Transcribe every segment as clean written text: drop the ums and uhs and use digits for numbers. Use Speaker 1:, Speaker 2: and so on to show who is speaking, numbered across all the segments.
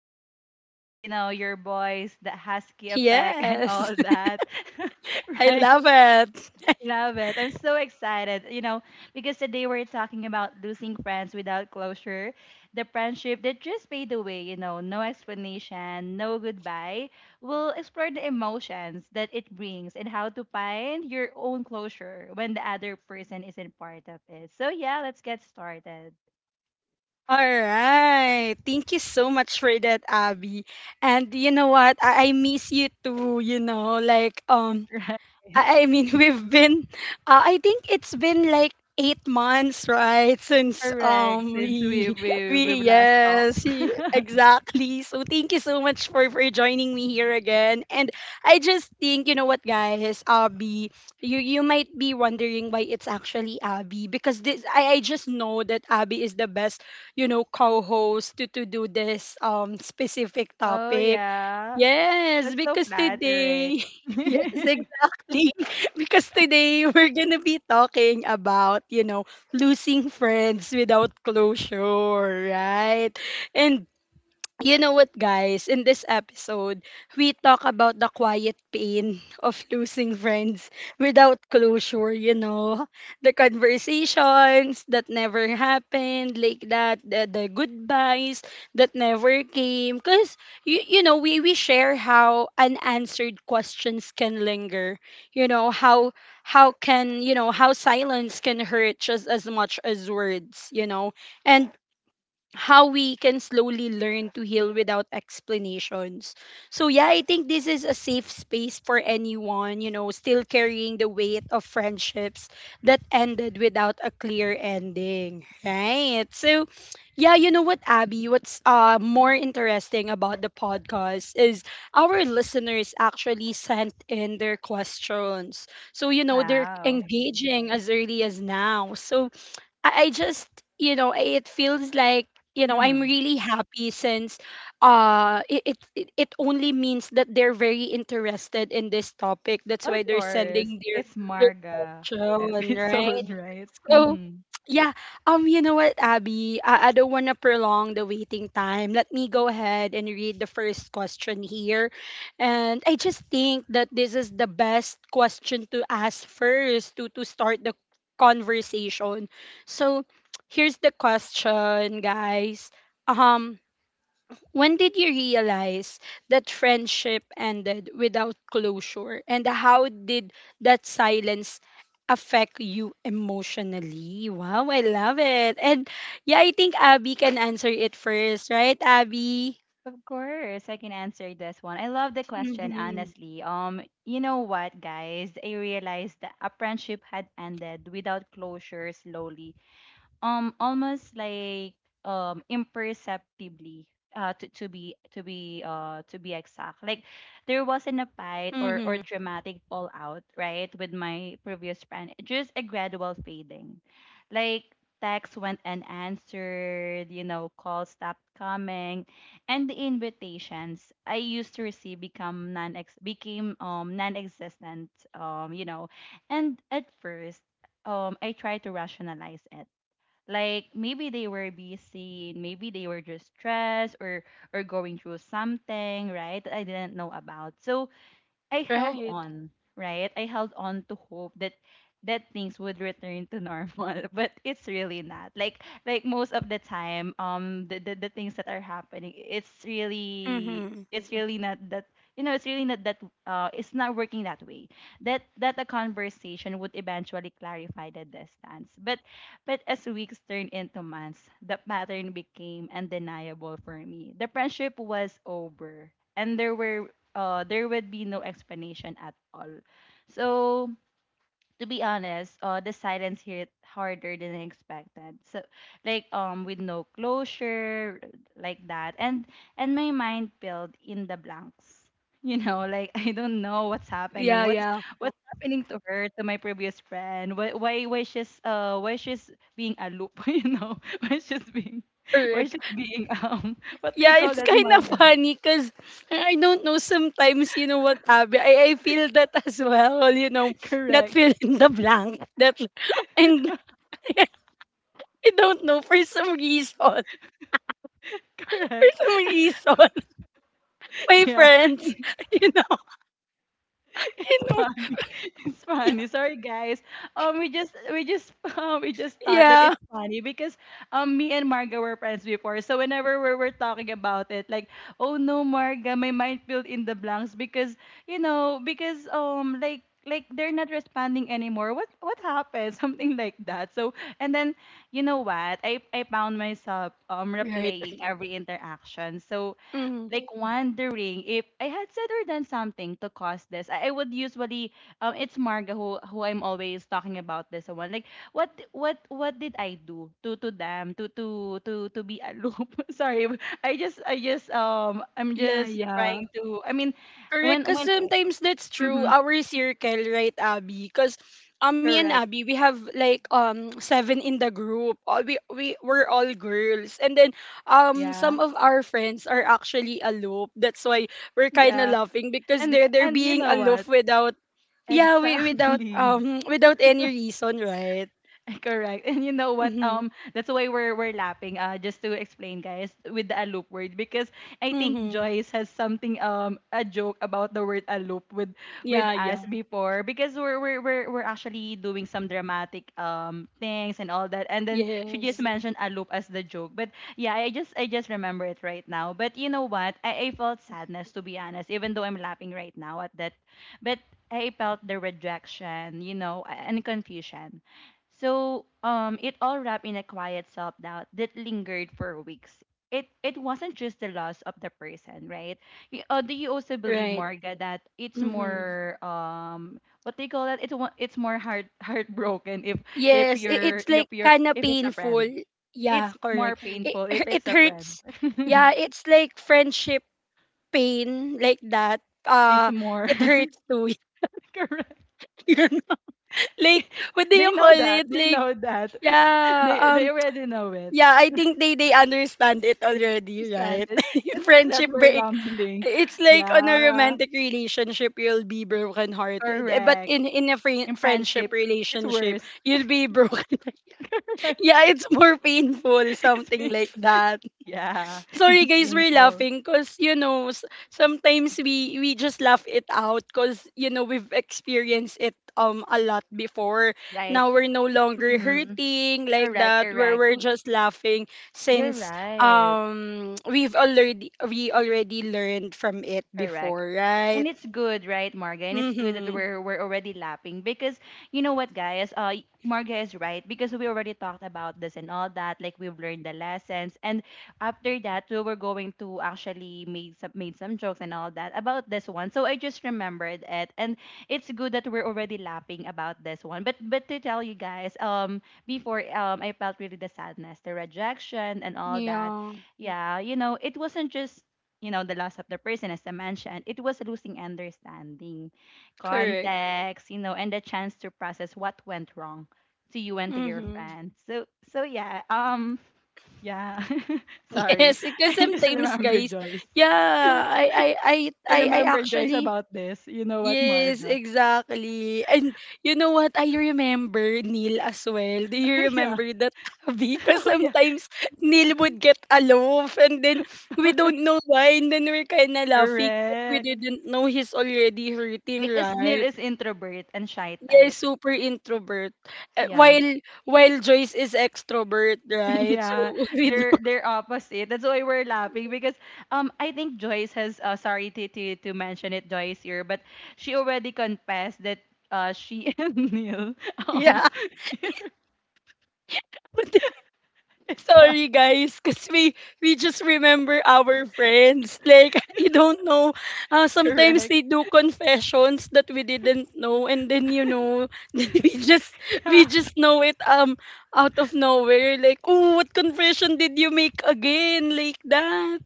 Speaker 1: really miss this. You know, your voice, the husky effect, and
Speaker 2: Yes,
Speaker 1: all that.
Speaker 2: I
Speaker 1: Right?
Speaker 2: love it.
Speaker 1: Love it. I'm so excited. Because today we're talking about losing friends without closure, the friendship that just fade away, no explanation, no goodbye. We'll explore the emotions that it brings and how to find your own closure when the other person isn't part of it. So yeah, let's get started.
Speaker 2: All right. Thank you so much for that, Abby. And you know what? I miss you too, you know, like um
Speaker 1: Right.
Speaker 2: I I mean, I think it's been like 8 months, right? Since
Speaker 1: Correct. Since we
Speaker 2: we
Speaker 1: we we
Speaker 2: we
Speaker 1: last talked.
Speaker 2: yes exactly. So thank you so much for joining me here again. And I just think you know what, guys, Abby, you might be wondering why it's actually Abby because this I just know that Abby is the best, you know, co-host to do this specific
Speaker 1: Oh
Speaker 2: topic.
Speaker 1: yeah.
Speaker 2: Yes,
Speaker 1: That's so
Speaker 2: because
Speaker 1: flattering.
Speaker 2: today. Yes, exactly. Because today we're going to be talking about, you know, losing friends without closure, right? And you know what, guys? In this episode, we talk about the quiet pain of losing friends without closure, you know? The conversations that never happened, like that, the goodbyes that never came. Because, you know, we share how unanswered questions can linger, you know, how can you know how silence can hurt just as much as words, you know, and how we can slowly learn to heal without explanations. So yeah, I think this is a safe space for anyone, you know, still carrying the weight of friendships that ended without a clear ending, right? So yeah, you know what, Abby, what's more interesting about the podcast is our listeners actually sent in their questions. So you know, they're
Speaker 1: Wow.
Speaker 2: engaging as early as now. So I just you know it feels like you know I'm
Speaker 1: Mhm.
Speaker 2: really happy since it only means that they're very interested in this topic. That's
Speaker 1: Of
Speaker 2: why they're
Speaker 1: course,
Speaker 2: sending
Speaker 1: it's
Speaker 2: their
Speaker 1: Marga
Speaker 2: question, right?
Speaker 1: episode, right?
Speaker 2: So,
Speaker 1: Mm-hmm.
Speaker 2: yeah, you know what, Abby? I don't want to prolong the waiting time. Let me go ahead and read the first question here. And I just think that this is the best question to ask first to start the conversation. So, here's the question, guys. Um. When did you realize that friendship ended without closure? And how did that silence affect you emotionally? Wow, I love it. And yeah, I think Abby can answer it first, right, Abby?
Speaker 1: Of course, I can answer this one. I love the question,
Speaker 2: Mm-hmm.
Speaker 1: honestly. You know what, guys? I realized that a friendship had ended without closure slowly, almost like, imperceptibly, to be exact. Like, there wasn't a fight or
Speaker 2: Mm-hmm.
Speaker 1: dramatic fallout, right? With my previous friend, just a gradual fading. Like, texts went unanswered, calls stopped coming, and the invitations I used to receive become non ex became non-existent. And at first, I tried to rationalize it. Like, maybe they were busy, maybe they were just stressed, or going through something, right? That I didn't know about. So I held
Speaker 2: Right.
Speaker 1: on, right? I held on to hope that things would return to normal, but it's really not. Like most of the time, the things that are happening, it's really,
Speaker 2: Mm-hmm.
Speaker 1: not that, you know it's really not that it's not working that way. That a conversation would eventually clarify the distance. But as weeks turned into months, the pattern became undeniable for me. The friendship was over, and there would be no explanation at all. So to be honest, the silence hit harder than I expected. So, with no closure like that. And my mind filled in the blanks. Like, I don't know what's
Speaker 2: Yeah,
Speaker 1: happening. What's
Speaker 2: yeah.
Speaker 1: what's happening to her, to my previous friend? Why she's being a loop? Why
Speaker 2: Correct.
Speaker 1: she's being What they
Speaker 2: Yeah,
Speaker 1: call
Speaker 2: it's
Speaker 1: that,
Speaker 2: kind of
Speaker 1: Marga?
Speaker 2: funny because I don't know. Sometimes, you know what, Abby, I feel that as well, you know, that
Speaker 1: Correct,
Speaker 2: fill in the blank. That and I don't know for some reason.
Speaker 1: correct.
Speaker 2: For some reason, my
Speaker 1: Yeah.
Speaker 2: friends, you know, you
Speaker 1: It's
Speaker 2: know,
Speaker 1: funny. It's
Speaker 2: y-
Speaker 1: funny. Sorry, guys. We just we just thought that
Speaker 2: yeah,
Speaker 1: it's funny because, me and Marga were friends before. So, whenever we were talking about it, like, oh no, Marga, my mind filled in the blanks because you know because like they're not responding anymore. What happened? Something like that. So, and then, you know what? I found myself,
Speaker 2: right.
Speaker 1: replaying every interaction. So,
Speaker 2: Mm,
Speaker 1: like, wondering if I had said or done something to cause this. I would usually, it's Marga who I'm always talking about this one. Like, what did I do to them to be a loop? Sorry, I'm
Speaker 2: yeah,
Speaker 1: just
Speaker 2: yeah.
Speaker 1: trying to. I mean,
Speaker 2: Correct,
Speaker 1: when
Speaker 2: because
Speaker 1: when
Speaker 2: sometimes that's true.
Speaker 1: mm-hmm.
Speaker 2: Our circle, right, Abby? Because me and
Speaker 1: Correct.
Speaker 2: Abby, we have like seven in the group. All we're all girls, and then
Speaker 1: Yeah,
Speaker 2: some of our friends are actually aloof. That's why we're kind of
Speaker 1: yeah.
Speaker 2: laughing because
Speaker 1: and
Speaker 2: they're
Speaker 1: and you
Speaker 2: being
Speaker 1: know what?
Speaker 2: aloof without yeah we, without
Speaker 1: Exactly.
Speaker 2: without any reason, right?
Speaker 1: Correct. And, you know what?
Speaker 2: Mhm.
Speaker 1: That's why we're lapping. Just to explain, guys, with the aloop word, because I think
Speaker 2: Mhm.
Speaker 1: Joyce has something, a joke about the word aloop with
Speaker 2: Yeah.
Speaker 1: us
Speaker 2: Yeah.
Speaker 1: before, because we're actually doing some dramatic, things and all that, and then she just,
Speaker 2: Yes.
Speaker 1: mhm, mentioned aloop as the joke. But yeah, I just remember it right now. But you know what? I felt sadness, to be honest, even though I'm laughing right now at that, but I felt the rejection, you know, and confusion. So, it all wrapped in a quiet self-doubt that lingered for weeks. It wasn't just the loss of the person, right? Do you also believe,
Speaker 2: Right.
Speaker 1: Morga, that it's
Speaker 2: Mm-hmm.
Speaker 1: more, what do you call that? It's more heart, heartbroken if if
Speaker 2: Yes, I
Speaker 1: you're
Speaker 2: it's
Speaker 1: if
Speaker 2: like
Speaker 1: you're
Speaker 2: kinda
Speaker 1: if it's a friend.
Speaker 2: painful.
Speaker 1: It's
Speaker 2: Yeah,
Speaker 1: more
Speaker 2: correct. It
Speaker 1: painful if
Speaker 2: it
Speaker 1: it's a friend.
Speaker 2: hurts. Yeah, it's like friendship pain like that.
Speaker 1: It's
Speaker 2: Uh,
Speaker 1: more.
Speaker 2: it hurts too.
Speaker 1: Correct.
Speaker 2: You don't know. like what do
Speaker 1: They
Speaker 2: you
Speaker 1: know
Speaker 2: call
Speaker 1: that.
Speaker 2: it?
Speaker 1: They
Speaker 2: Like
Speaker 1: know that.
Speaker 2: yeah,
Speaker 1: They already know it.
Speaker 2: yeah, I think they understand it
Speaker 1: They
Speaker 2: already,
Speaker 1: understand
Speaker 2: right?
Speaker 1: it. It's just that
Speaker 2: friendship
Speaker 1: we're
Speaker 2: break.
Speaker 1: rambling.
Speaker 2: It's like on a
Speaker 1: Yeah,
Speaker 2: romantic relationship you'll be broken hearted. But
Speaker 1: correct.
Speaker 2: in a
Speaker 1: In
Speaker 2: friendship
Speaker 1: friendship, it's
Speaker 2: relationship,
Speaker 1: worse.
Speaker 2: you'll be broken.
Speaker 1: Right?
Speaker 2: Yeah, it's more painful,
Speaker 1: It's
Speaker 2: something
Speaker 1: pain.
Speaker 2: like that.
Speaker 1: Yeah,
Speaker 2: Sorry
Speaker 1: it's
Speaker 2: guys, we're
Speaker 1: painful.
Speaker 2: laughing because you know sometimes we just laugh it out because you know we've experienced it a lot before.
Speaker 1: Right.
Speaker 2: Now we're no longer
Speaker 1: Mm-hmm.
Speaker 2: hurting like
Speaker 1: Correct,
Speaker 2: that.
Speaker 1: correct.
Speaker 2: We're
Speaker 1: W-
Speaker 2: just laughing
Speaker 1: You're
Speaker 2: since
Speaker 1: right.
Speaker 2: we already learned from it
Speaker 1: Correct.
Speaker 2: before, right?
Speaker 1: And it's good, right, Marga? And it's good that
Speaker 2: Mhm.
Speaker 1: we're already lapping, because, you know what, guys? Marga is right, because we already talked about this and all that. Like, we've learned the lessons, and after that, we were going to actually made some jokes and all that about this one. So I just remembered it, and it's good that we're already laughing about this one. But to tell you guys, before, I felt really the sadness, the rejection, and all that.
Speaker 2: Yeah,
Speaker 1: Yeah. You know, it wasn't just, the loss of the person. As I mentioned, it was losing understanding,
Speaker 2: correct.
Speaker 1: context, and the chance to process what went wrong to you and to your
Speaker 2: Mhm.
Speaker 1: friends. So, yeah, yeah, sorry,
Speaker 2: Yes,
Speaker 1: I
Speaker 2: because
Speaker 1: just
Speaker 2: sometimes
Speaker 1: remember
Speaker 2: guys,
Speaker 1: Joyce.
Speaker 2: yeah, I I I
Speaker 1: I
Speaker 2: I
Speaker 1: remember Joyce
Speaker 2: actually
Speaker 1: about this. You know what,
Speaker 2: yes,
Speaker 1: Marga?
Speaker 2: exactly. And you know what? I remember Neil as well. Do you
Speaker 1: Yeah.
Speaker 2: remember that Abby? Because
Speaker 1: Oh yeah.
Speaker 2: sometimes Neil would get aloof and then we don't know why and then we're kind of laughing that we
Speaker 1: Correct.
Speaker 2: didn't know he's already hurting,
Speaker 1: Because Neil
Speaker 2: right?
Speaker 1: is introvert and shy
Speaker 2: Yes,
Speaker 1: type.
Speaker 2: super introvert. Uh,
Speaker 1: Yeah.
Speaker 2: while while Joyce is extrovert, right? So
Speaker 1: Yeah,
Speaker 2: we
Speaker 1: they're
Speaker 2: don't,
Speaker 1: they're opposite. That's why we're laughing, because, I think Joyce has, sorry to mention it, Joyce, here, but she already confessed that, she and Neil, um
Speaker 2: yeah.
Speaker 1: it's fun.
Speaker 2: Sorry guys, because we just remember our friends. Like I don't know. Sometimes
Speaker 1: Correct.
Speaker 2: they do confessions that we didn't know, and then you know, then we
Speaker 1: Yeah.
Speaker 2: just know it out of nowhere. Like oh, what confession did you make again? Like that,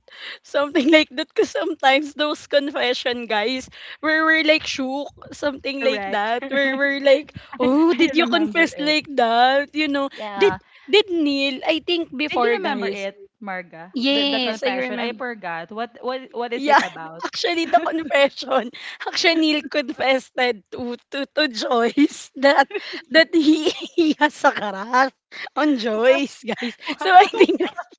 Speaker 2: something like that. Because sometimes those confession guys, where we're like shook, something like
Speaker 1: Correct.
Speaker 2: that. Where
Speaker 1: Correct.
Speaker 2: we're like,
Speaker 1: I,
Speaker 2: oh,
Speaker 1: I
Speaker 2: did you
Speaker 1: remember
Speaker 2: confess
Speaker 1: it.
Speaker 2: like that? You know, did
Speaker 1: Yeah.
Speaker 2: did Neil? I think
Speaker 1: Did you
Speaker 2: before,
Speaker 1: remember
Speaker 2: guys.
Speaker 1: it, Marga? The
Speaker 2: Yes, I
Speaker 1: confession. I
Speaker 2: remember.
Speaker 1: forgot. What is it
Speaker 2: Yeah,
Speaker 1: about?
Speaker 2: actually the confession. Actually, Neil confessed that to Joyce that he has a crush on Joyce, guys.
Speaker 1: What
Speaker 2: So I
Speaker 1: what?
Speaker 2: think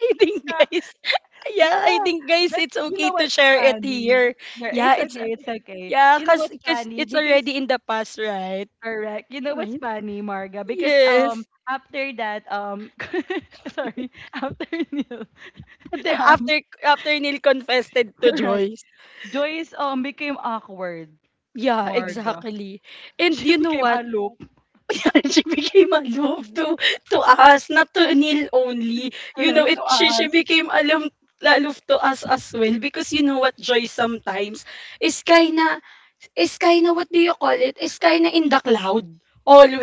Speaker 2: I think guys, yeah, I
Speaker 1: Yeah,
Speaker 2: think guys,
Speaker 1: but
Speaker 2: it's
Speaker 1: you
Speaker 2: okay
Speaker 1: know
Speaker 2: to
Speaker 1: what's
Speaker 2: share it
Speaker 1: funny?
Speaker 2: here.
Speaker 1: No,
Speaker 2: Yeah,
Speaker 1: it's
Speaker 2: it's
Speaker 1: okay, it's okay.
Speaker 2: yeah,
Speaker 1: You know
Speaker 2: cause
Speaker 1: what's
Speaker 2: cause
Speaker 1: funny?
Speaker 2: it's
Speaker 1: Because,
Speaker 2: already in the past, right?
Speaker 1: correct. You know what's
Speaker 2: Right.
Speaker 1: funny, Marga? Because,
Speaker 2: Yes.
Speaker 1: after that, sorry, after Neil,
Speaker 2: After
Speaker 1: um
Speaker 2: after after Neil confessed it to
Speaker 1: correct.
Speaker 2: Joyce.
Speaker 1: Joyce, became awkward,
Speaker 2: Yeah,
Speaker 1: Marga.
Speaker 2: exactly. And
Speaker 1: She
Speaker 2: you know
Speaker 1: became
Speaker 2: what?
Speaker 1: aloof,
Speaker 2: Yeah, she became aloof to us, not to Neil only. You know,
Speaker 1: correct,
Speaker 2: it
Speaker 1: to
Speaker 2: she
Speaker 1: us.
Speaker 2: became aloof aloof to us as well because you know what joy sometimes is kinda is kinda what do you call it? Is kinda in the cloud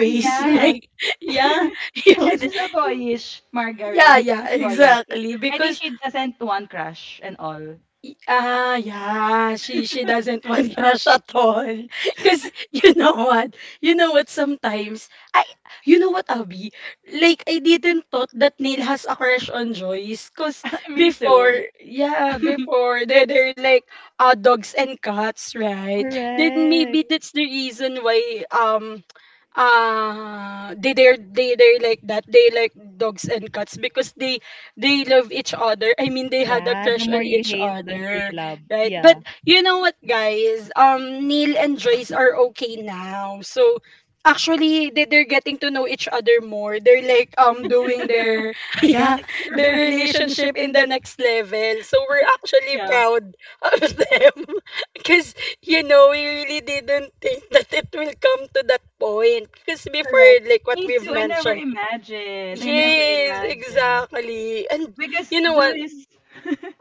Speaker 1: Ah, yeah.
Speaker 2: like yeah
Speaker 1: And
Speaker 2: Yung-
Speaker 1: she's a boyish, Marga,
Speaker 2: yeah
Speaker 1: right?
Speaker 2: yeah
Speaker 1: She's boyish.
Speaker 2: exactly
Speaker 1: I think
Speaker 2: because
Speaker 1: she doesn't want crush and all.
Speaker 2: Yeah. She doesn't want crush at all. Cause you know what? You know what? Sometimes I, you know what, Abby? Like I didn't thought that Neil has a crush on Joyce. Cause
Speaker 1: Me too.
Speaker 2: before, yeah, before they're like dogs and cats, right? Then maybe
Speaker 1: Correct.
Speaker 2: that's the reason why they're like that they like dogs and cats because they love each other, I mean they had a
Speaker 1: Yeah, the
Speaker 2: crush
Speaker 1: more
Speaker 2: on
Speaker 1: you
Speaker 2: each
Speaker 1: hate, the more
Speaker 2: other,
Speaker 1: you love.
Speaker 2: right? But
Speaker 1: Yeah.
Speaker 2: you know what guys, Neil and Joyce are okay now. So actually they're getting to know each other more. They're like doing their yeah their
Speaker 1: Correct.
Speaker 2: relationship in the next level, so we're actually
Speaker 1: Yeah,
Speaker 2: proud of them because, you know, we really didn't think that it will come to that point. Because before,
Speaker 1: correct.
Speaker 2: like what
Speaker 1: Me
Speaker 2: we've
Speaker 1: too. I never
Speaker 2: mentioned,
Speaker 1: imagined. I never
Speaker 2: yes,
Speaker 1: imagined.
Speaker 2: exactly. And you
Speaker 1: Because
Speaker 2: know what?
Speaker 1: Joyce,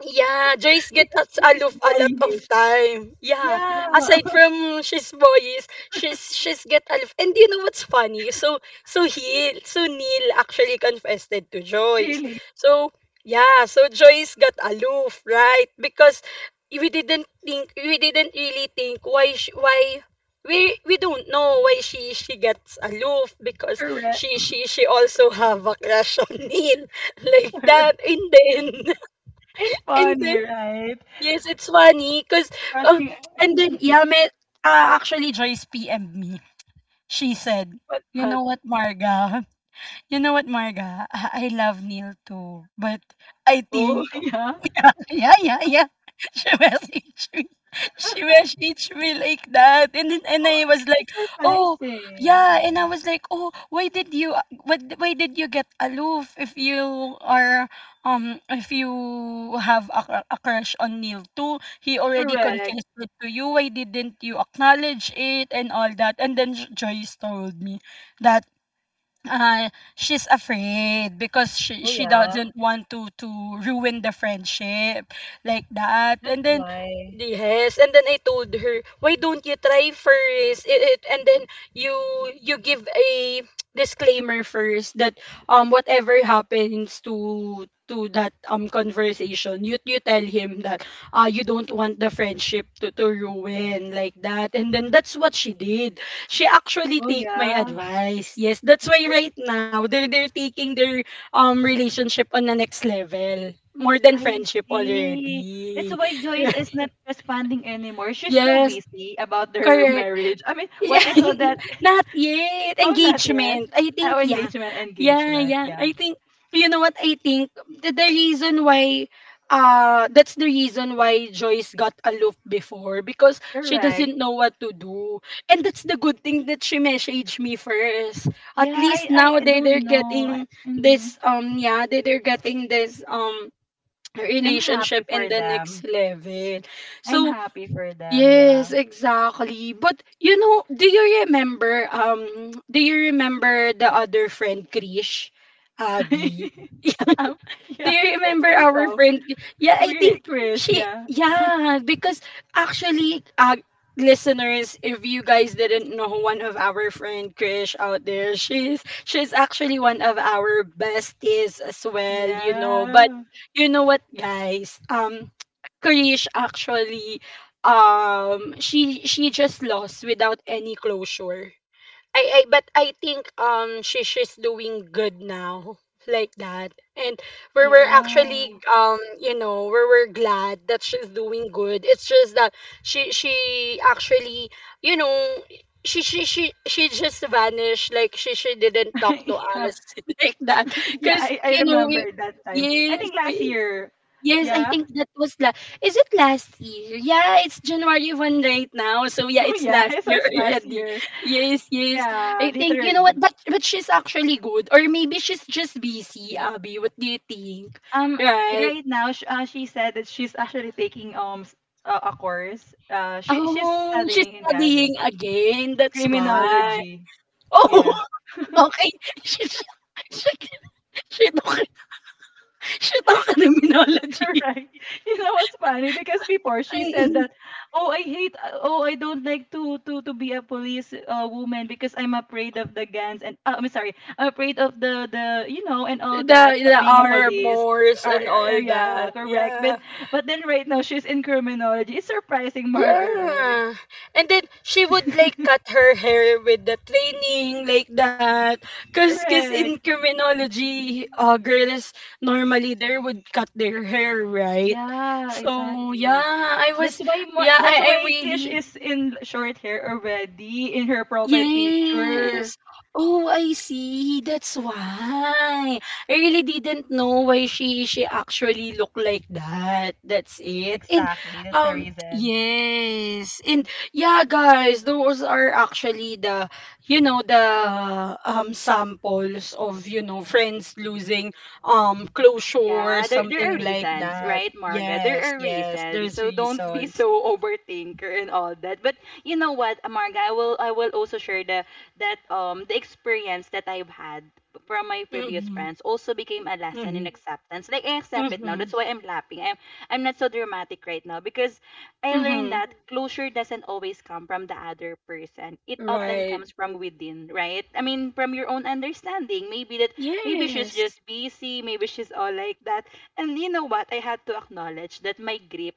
Speaker 2: Yeah, Joyce get
Speaker 1: because
Speaker 2: us
Speaker 1: Joyce is
Speaker 2: aloof a lot of
Speaker 1: boyish.
Speaker 2: time. Yeah.
Speaker 1: Yeah,
Speaker 2: Aside from she's boyish, she's get aloof. And you know what's funny? So so he so Neil actually confessed it to Joyce.
Speaker 1: really.
Speaker 2: So yeah, so Joyce got aloof, right? Because we didn't really think why we don't know why she gets aloof because
Speaker 1: Correct.
Speaker 2: she also have a crush on Neil like
Speaker 1: Correct.
Speaker 2: that and then
Speaker 1: It's
Speaker 2: and
Speaker 1: funny,
Speaker 2: then
Speaker 1: right?
Speaker 2: yes, it's funny because um
Speaker 1: Crushing,
Speaker 2: and then yeah, may, actually Joyce PM'd me. She said,
Speaker 1: what
Speaker 2: "You
Speaker 1: what?
Speaker 2: know what, Marga? You know what, Marga? I love Neil too, but I
Speaker 1: Oh,
Speaker 2: think
Speaker 1: yeah.
Speaker 2: yeah, yeah, yeah. She messaged me. She messaged me like that. And then, and
Speaker 1: Oh,
Speaker 2: I was
Speaker 1: it's
Speaker 2: like, oh,
Speaker 1: surprising.
Speaker 2: yeah. And I was like, oh, why did you, what, why did you get aloof if you are, if you have a, a crush on Neil too? He already
Speaker 1: Correct.
Speaker 2: confessed it to you. Why didn't you acknowledge it and all that? And then Joyce told me that uh, she's afraid because
Speaker 1: Oh
Speaker 2: she
Speaker 1: yeah.
Speaker 2: doesn't want to ruin the friendship like that.
Speaker 1: That's
Speaker 2: And then
Speaker 1: why.
Speaker 2: yes, and then I told her, why don't you try first it, and then you give a disclaimer first that whatever happens to that conversation, you tell him that you don't want the friendship to ruin like that, and then that's what she did. She actually
Speaker 1: Oh
Speaker 2: take my
Speaker 1: yeah.
Speaker 2: advice. Yes, that's why right now they're taking their relationship on the next level. More than
Speaker 1: I
Speaker 2: friendship
Speaker 1: see. That's
Speaker 2: already.
Speaker 1: why Joyce is not responding anymore. She's so
Speaker 2: Yes,
Speaker 1: busy about their
Speaker 2: correct.
Speaker 1: marriage. I mean, what
Speaker 2: Yeah,
Speaker 1: do you call that?
Speaker 2: not yet.
Speaker 1: Oh, not yet.
Speaker 2: Engagement. I think
Speaker 1: Oh,
Speaker 2: yeah.
Speaker 1: engagement,
Speaker 2: Yeah,
Speaker 1: engagement.
Speaker 2: yeah.
Speaker 1: Yeah,
Speaker 2: I think you know what I think the reason why that's the reason why Joyce got aloof before because she
Speaker 1: correct.
Speaker 2: doesn't know what to do. And that's the good thing that she messaged me first. At
Speaker 1: Yeah, I,
Speaker 2: least
Speaker 1: I,
Speaker 2: now
Speaker 1: I
Speaker 2: they're
Speaker 1: don't know.
Speaker 2: getting
Speaker 1: Mm-hmm.
Speaker 2: this yeah, they they're getting this
Speaker 1: I'm happy
Speaker 2: relationship in
Speaker 1: for
Speaker 2: the next
Speaker 1: them.
Speaker 2: level.
Speaker 1: I'm
Speaker 2: So
Speaker 1: happy for them.
Speaker 2: yes,
Speaker 1: Yeah.
Speaker 2: exactly. But you know, do you remember the other friend Krish? Abby.
Speaker 1: um,
Speaker 2: Do
Speaker 1: yeah,
Speaker 2: you
Speaker 1: I
Speaker 2: remember
Speaker 1: think
Speaker 2: our
Speaker 1: so.
Speaker 2: friend? Yeah, I think
Speaker 1: Chris,
Speaker 2: she
Speaker 1: yeah.
Speaker 2: yeah, because actually listeners, if you guys didn't know one of our friend Krish out there, she's actually one of our besties as well, you know. But
Speaker 1: Yeah.
Speaker 2: you know what, guys? Krish actually she just lost without any closure. I but I think she's doing good now, like that. And we were
Speaker 1: Yeah.
Speaker 2: actually you know, we were glad that she's doing good. It's just that she actually, you know, she just vanished, like she didn't talk to
Speaker 1: Yeah.
Speaker 2: us, like that.
Speaker 1: Yeah,
Speaker 2: Cuz
Speaker 1: I
Speaker 2: you know,
Speaker 1: remember that time. I
Speaker 2: yes,
Speaker 1: think last
Speaker 2: we
Speaker 1: year.
Speaker 2: Yes, I
Speaker 1: Yeah.
Speaker 2: think that was la is it last year? Yeah, it's January 1st right now. So yeah,
Speaker 1: Oh
Speaker 2: it's
Speaker 1: yeah,
Speaker 2: last
Speaker 1: so
Speaker 2: year
Speaker 1: it's last
Speaker 2: already.
Speaker 1: year.
Speaker 2: Yes, yes.
Speaker 1: Yeah,
Speaker 2: I think you know what,
Speaker 1: literally.
Speaker 2: but she's actually good. Or maybe she's just busy, Abby. What do you think?
Speaker 1: Um
Speaker 2: Right.
Speaker 1: right now, she said that she's actually taking, a course. She's
Speaker 2: Oh, she's
Speaker 1: studying in college.
Speaker 2: studying again. That's why.
Speaker 1: Criminology.
Speaker 2: Oh,
Speaker 1: Yeah.
Speaker 2: okay. She she she, she took she took
Speaker 1: Correct.
Speaker 2: criminology.
Speaker 1: You know what's funny? Because before she said that, oh, I hate, oh, I don't like to be a police, woman, because I'm afraid of the guns, and, I'm sorry, I'm afraid of the and all that,
Speaker 2: The
Speaker 1: being a police.
Speaker 2: armors
Speaker 1: Uh,
Speaker 2: and all
Speaker 1: yeah,
Speaker 2: that.
Speaker 1: correct. But
Speaker 2: Yeah.
Speaker 1: but then right now she's in criminology. It's surprising, Margaret.
Speaker 2: Yeah. And then she would like cut her hair with the training, like that. Cause in
Speaker 1: Correct.
Speaker 2: criminology, girls normally they would cut their hair, right?
Speaker 1: Yeah,
Speaker 2: So
Speaker 1: exactly.
Speaker 2: yeah, I was
Speaker 1: That's why more.
Speaker 2: yeah,
Speaker 1: That's
Speaker 2: I, I'm
Speaker 1: why Krish
Speaker 2: really
Speaker 1: is in short hair already in her profile picture.
Speaker 2: yes. Oh, I see. That's why. I really didn't know why she actually looked like that. That's it. And
Speaker 1: Exactly. That's the reason.
Speaker 2: yes. And yeah, guys, those are actually the you know the samples of, you know, friends losing closure or
Speaker 1: Yeah, there are
Speaker 2: something like
Speaker 1: reasons,
Speaker 2: that.
Speaker 1: right, Marga? There
Speaker 2: Yes,
Speaker 1: are
Speaker 2: yes.
Speaker 1: reasons.
Speaker 2: There's
Speaker 1: So don't be
Speaker 2: reasons.
Speaker 1: so overthinker and all that. But you know what, Marga, I will also share the, that the experience that I've had from my previous
Speaker 2: Mhm.
Speaker 1: friends also became a lesson in
Speaker 2: Mhm.
Speaker 1: acceptance. Like, I accept it now.
Speaker 2: Mhm.
Speaker 1: That's why I'm laughing. I'm not so dramatic right now, because I learned
Speaker 2: Mhm.
Speaker 1: that closure doesn't always come from the other person. It often
Speaker 2: Right.
Speaker 1: comes from within, right? I mean, from your own understanding. Maybe she's
Speaker 2: Yes.
Speaker 1: just busy, maybe she's all like that. And you know what? I had to acknowledge that my grip,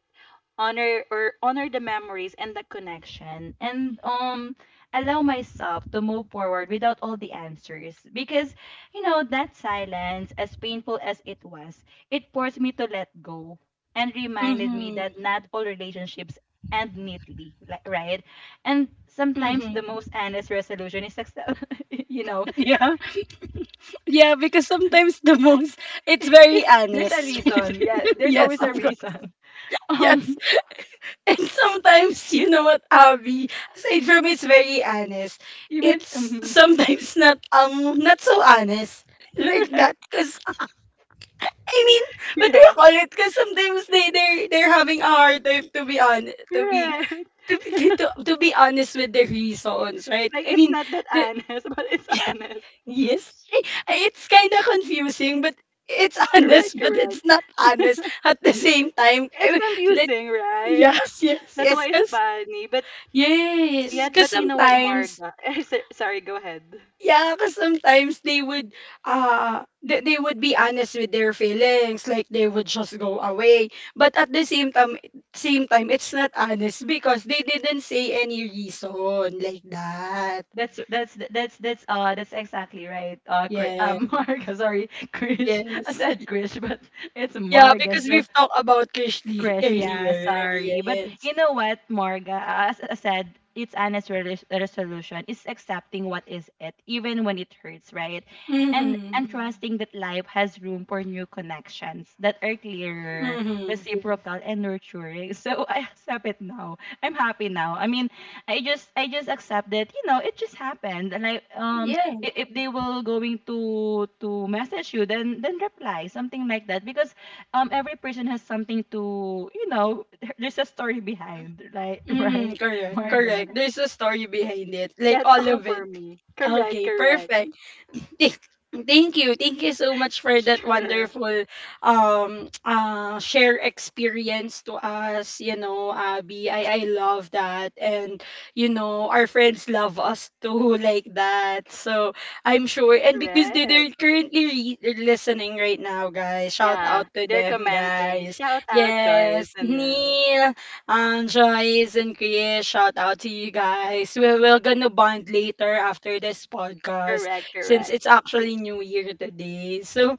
Speaker 1: honor or honor the memories and the connection, and, allow myself to move forward without all the answers, because you know that silence, as painful as it was, it forced me to let go, and reminded me
Speaker 2: Mm-hmm.
Speaker 1: that not all relationships end neatly, like, right? And sometimes
Speaker 2: Mm-hmm.
Speaker 1: the most honest resolution is success. you know
Speaker 2: Yeah. Yeah, because sometimes the most it's very
Speaker 1: it's there's a
Speaker 2: honest.
Speaker 1: reason. Yeah, there's
Speaker 2: Yes,
Speaker 1: always
Speaker 2: of
Speaker 1: a
Speaker 2: course.
Speaker 1: reason.
Speaker 2: Yes.
Speaker 1: Um,
Speaker 2: And sometimes you know what, Abby, aside from it's very honest,
Speaker 1: even,
Speaker 2: it's
Speaker 1: mm,
Speaker 2: sometimes not not so honest. Like
Speaker 1: correct.
Speaker 2: that, because I mean, what do you
Speaker 1: Yeah,
Speaker 2: call it? Because sometimes they're having a hard time to be on to be
Speaker 1: correct.
Speaker 2: to, be- to be honest with their reasons, right?
Speaker 1: Like
Speaker 2: I
Speaker 1: it's
Speaker 2: mean,
Speaker 1: not that
Speaker 2: the
Speaker 1: honest, but it's honest.
Speaker 2: yes. It's kind of confusing, but it's
Speaker 1: Correct,
Speaker 2: honest, but
Speaker 1: correct.
Speaker 2: it's not honest at the same time.
Speaker 1: It's
Speaker 2: I mean, let,
Speaker 1: confusing, right?
Speaker 2: yes, yes,
Speaker 1: That's
Speaker 2: yes.
Speaker 1: why it's
Speaker 2: Cause,
Speaker 1: funny. But
Speaker 2: yes.
Speaker 1: yet,
Speaker 2: Because
Speaker 1: but you know what,
Speaker 2: sometimes,
Speaker 1: Marga? Sorry, go ahead.
Speaker 2: yeah, because sometimes they would, they would be honest with their feelings. Like, they would just go away. But at the same time, it's not honest because they didn't say any reason like that.
Speaker 1: That's exactly right. Chris,
Speaker 2: Yeah.
Speaker 1: Marga. Sorry, Krish. I
Speaker 2: Yes.
Speaker 1: said Krish, but it's
Speaker 2: Yeah,
Speaker 1: Marga.
Speaker 2: because
Speaker 1: So
Speaker 2: we've talked about Krishli
Speaker 1: Krish, yeah,
Speaker 2: earlier.
Speaker 1: sorry. But
Speaker 2: Yes.
Speaker 1: you know what, Morga? As I said, it's honest resolution. It's accepting what is it, even when it hurts, right? And
Speaker 2: Mhm.
Speaker 1: and trusting that life has room for new connections that are clearer,
Speaker 2: Mhm.
Speaker 1: reciprocal, and nurturing. So I accept it now. I'm happy now. I mean, I just accept that. You know, it just happened. Like
Speaker 2: Yeah.
Speaker 1: if they will going to message you, then reply something like that because every person has something to there's a story behind, right? Right,
Speaker 2: Mm, correct.
Speaker 1: Marga,
Speaker 2: Correct. There's a story behind it. Like
Speaker 1: that's
Speaker 2: all
Speaker 1: all
Speaker 2: of
Speaker 1: for
Speaker 2: it.
Speaker 1: me. Correct,
Speaker 2: Okay,
Speaker 1: correct.
Speaker 2: perfect. Thank thank you. Thank you so much for that
Speaker 1: Sure.
Speaker 2: wonderful share experience to us, you know, Abby. I love that and you know, our friends love us too, like that. So, I'm sure and because they,
Speaker 1: Correct.
Speaker 2: they're currently listening right now, guys. Shout
Speaker 1: Yeah,
Speaker 2: out to
Speaker 1: they're
Speaker 2: them,
Speaker 1: commenting,
Speaker 2: guys.
Speaker 1: shout out Joyce.
Speaker 2: Yes,
Speaker 1: And no.
Speaker 2: Neil, Joyce and Chris, shout out to you guys. We're gonna bond later after this podcast
Speaker 1: Correct,
Speaker 2: since
Speaker 1: correct.
Speaker 2: it's actually New Year today. So,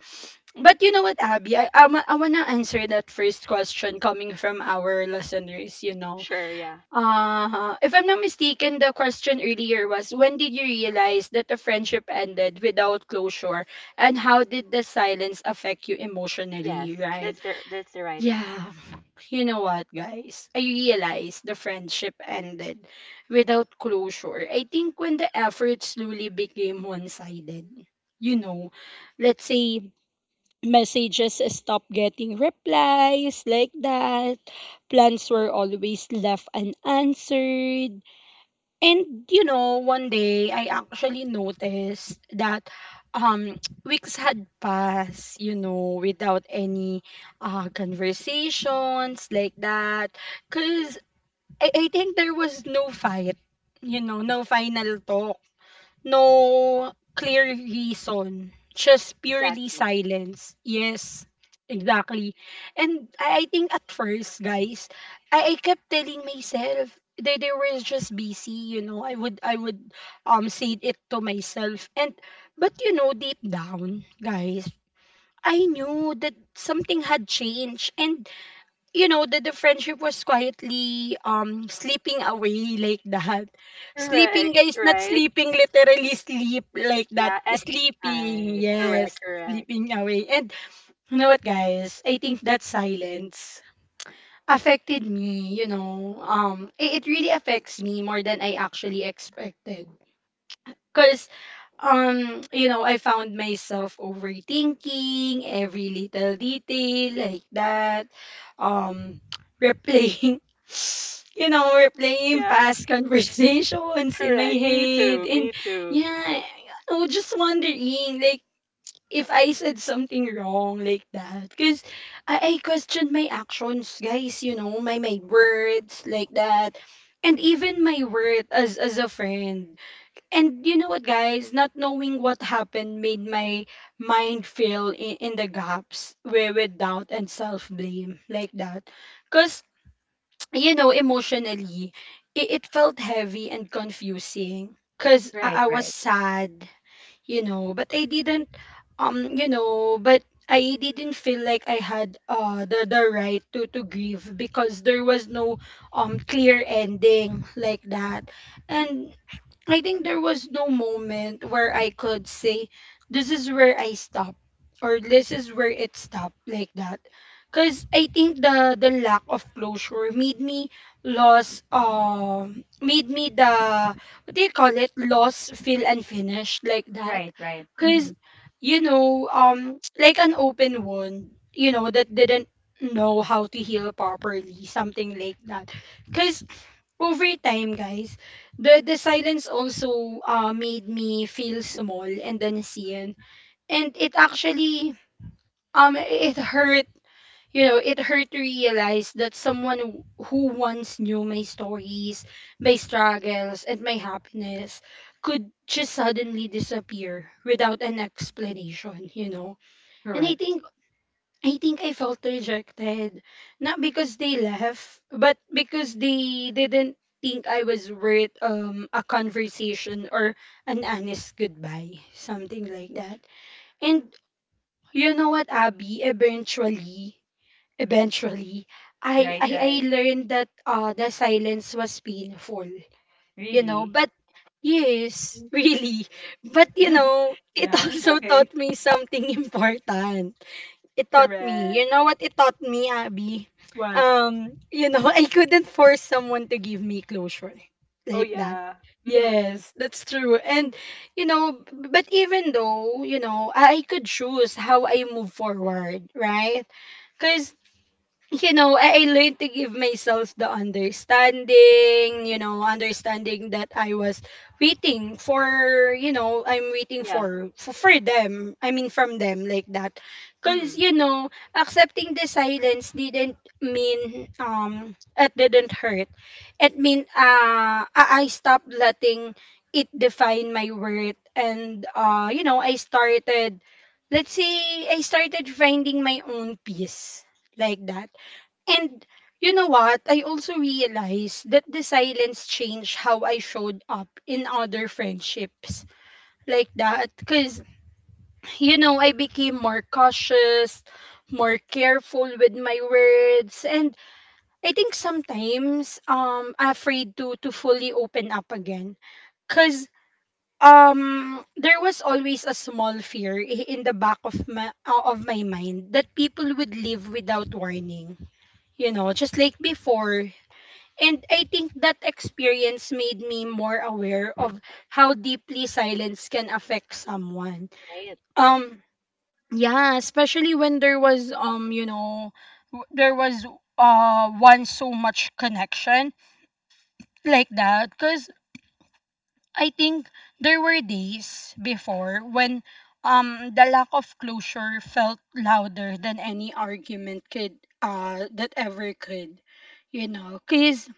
Speaker 2: but you know what, Abby? I want to answer that first question coming from our listeners, you know.
Speaker 1: Sure. Yeah.
Speaker 2: If I'm not mistaken, the question earlier was when did you realize that the friendship ended without closure and how did the silence affect you
Speaker 1: Yes,
Speaker 2: emotionally, right?
Speaker 1: that's the right one.
Speaker 2: Yeah. You know what, guys? I realized the friendship ended without closure. I think when the effort slowly became one sided, you know, let's say messages stopped getting replies like that, plans were always left unanswered, and you know, one day I actually noticed that um weeks had passed, you know, without any conversations like that. Cause I think there was no fight, you know, no final talk, no clear reason, just purely
Speaker 1: Exactly.
Speaker 2: silence. Yes, exactly. And I think at first, guys, I kept telling myself they were just busy, you know. I would say it to myself. And but you know, deep down, guys, I knew that something had changed and you know the friendship was quietly sleeping away, like that. Sleeping,
Speaker 1: Correct.
Speaker 2: guys, not
Speaker 1: Right.
Speaker 2: sleeping literally sleep like that.
Speaker 1: Yeah. And
Speaker 2: Sleeping,
Speaker 1: I
Speaker 2: yes,
Speaker 1: correct, correct.
Speaker 2: sleeping away. And you know what, guys? I think that silence affected me, you know. It really affects me more than I actually expected because you know I found myself overthinking every little detail, like that. um replaying you know
Speaker 1: Mm.
Speaker 2: replaying
Speaker 1: Yeah.
Speaker 2: past conversations in my
Speaker 1: Correct, me
Speaker 2: head
Speaker 1: too, me
Speaker 2: and
Speaker 1: too.
Speaker 2: yeah, you know, just wondering like if I said something wrong, like that. Because I questioned my actions, guys, you know, my words, like that, and even my worth as a friend. And you know what, guys? Not knowing what happened made my mind fill in the gaps with doubt and self blame, like that. Because, you know, emotionally, it felt heavy and confusing. Because I,
Speaker 1: Right,
Speaker 2: I was
Speaker 1: right.
Speaker 2: sad, you know, but I didn't, you know, but I didn't feel like I had the right to grieve because there was no clear ending, like that. And I think there was no moment where I could say, this is where I stop, or this is where it stopped, like that. Cause I think the lack of closure made me lost, made me the what do you call it? Lost feel unfinished, like that.
Speaker 1: Right, right. Mm-hmm.
Speaker 2: Cause you know, like an open wound, you know, that didn't know how to heal properly, something like that. Cause over time, guys, the silence also made me feel small and unseen, and it actually it hurt. You know, it hurt to realize that someone who once knew my stories, my struggles, and my happiness could just suddenly disappear without an explanation, you know? And I
Speaker 1: Correct.
Speaker 2: think I think I felt rejected. Not because they left, but because they didn't think I was worth a conversation or an honest goodbye, something like that. And you know what, Abby, eventually, eventually, I
Speaker 1: Right,
Speaker 2: I, I
Speaker 1: right.
Speaker 2: learned that the silence was painful, you know,
Speaker 1: Really?
Speaker 2: but yes, really. But you know, it
Speaker 1: Yeah, it's
Speaker 2: also
Speaker 1: okay.
Speaker 2: taught me something important. It taught me. You
Speaker 1: Correct.
Speaker 2: know what it taught me, Abby?
Speaker 1: What?
Speaker 2: You know, I couldn't force someone to give me closure,
Speaker 1: Oh,
Speaker 2: like that.
Speaker 1: yeah. Mm-hmm.
Speaker 2: Yes, that's true. And you know, but even though, you know, I could choose how I move forward, right? Cuz you know, I learned to give myself the understanding, you know, understanding that I was waiting for, you know, I'm waiting
Speaker 1: Yeah.
Speaker 2: for, for, them. I mean, from them, like that.
Speaker 1: Mm-hmm.
Speaker 2: Because, you know, accepting the silence didn't mean, it didn't hurt. It mean, I stopped letting it define my worth. And, you know, I started, let's say, I started finding my own peace, like that, and you know what? I also realized that the silence changed how I showed up in other friendships, like that. Because, you know, I became more cautious, more careful with my words. And I think sometimes afraid to fully open up again. Because there was always a small fear in the back of my mind that people would leave without warning, you know, just like before. And I think that experience made me more aware of how deeply silence can affect someone.
Speaker 1: Right.
Speaker 2: Um yeah, especially when there was you know there was once so much connection, like that. Cuz I think there were days before when um the lack of closure felt louder than any argument could, uh, that ever could, you know. Cuz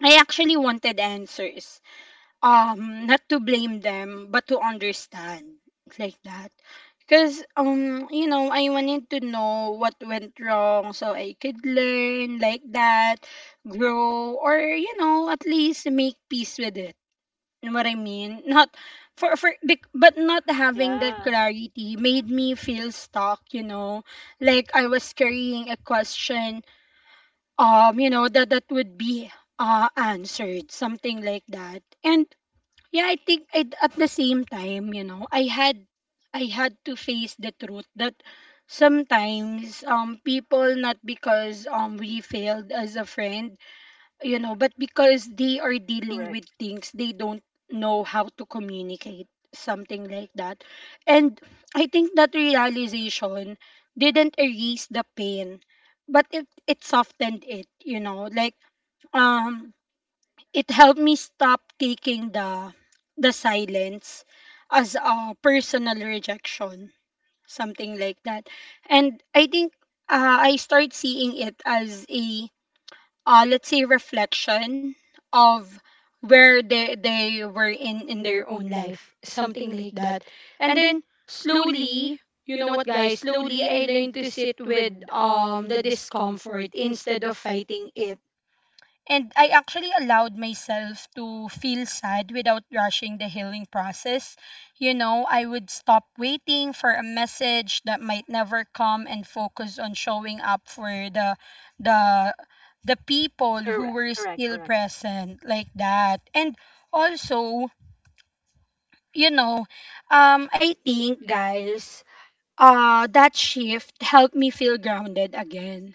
Speaker 2: I actually wanted answers, not to blame them but to understand, like that, because you know I wanted to know what went wrong so I could learn, like that, grow, or you know at least make peace with it, you know what I mean. Not for for bec- but not having that
Speaker 1: Yeah.
Speaker 2: clarity made me feel stuck, you know, like I was carrying a question you know that that would be answered, something like that. And yeah, I think I at the same time, you know, I had to face the truth that sometimes people not because we failed as a friend, you know, but because they are dealing
Speaker 1: Correct.
Speaker 2: with things they don't know how to communicate, something like that. And I think that realization didn't erase the pain, but it softened it, you know, like um it helped me stop taking the silence as a personal rejection, something like that. And I think I start seeing it as a let's say reflection of where they were in their own life, something like that. And then slowly, you know what, guys, slowly I learned to sit with the discomfort instead of fighting it. And I actually allowed myself to feel sad without rushing the healing process. You know, I would stop waiting for a message that might never come and focus on showing up for the the people who
Speaker 1: Correct.
Speaker 2: were
Speaker 1: Correct.
Speaker 2: still
Speaker 1: Correct.
Speaker 2: present, like that. And also, you know, I think, guys, that shift helped me feel grounded again.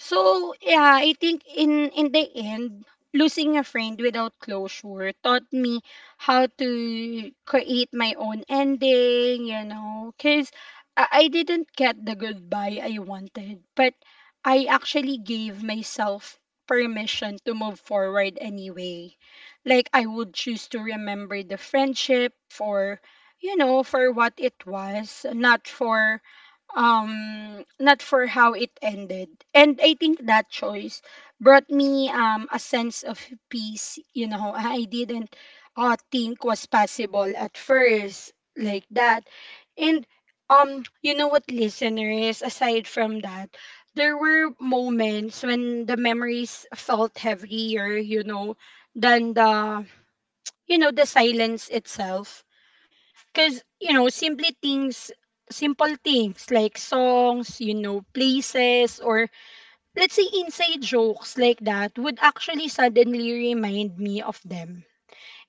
Speaker 2: So, yeah, I think in the end, losing a friend without closure taught me how to create my own ending, you know, cuz I didn't get the goodbye I wanted, but I actually gave myself permission to move forward anyway. Like I would choose to remember the friendship for, you know, for what it was, not for not for how it ended. And I think that choice brought me a sense of peace, you know. I didn't think was possible at first, like that. And you know what, listeners, aside from that, there were moments when the memories felt heavier, you know, than the, the silence itself. Because, you know, simple things like songs, you know, places, or, let's say, inside jokes, like that, would actually suddenly remind me of them.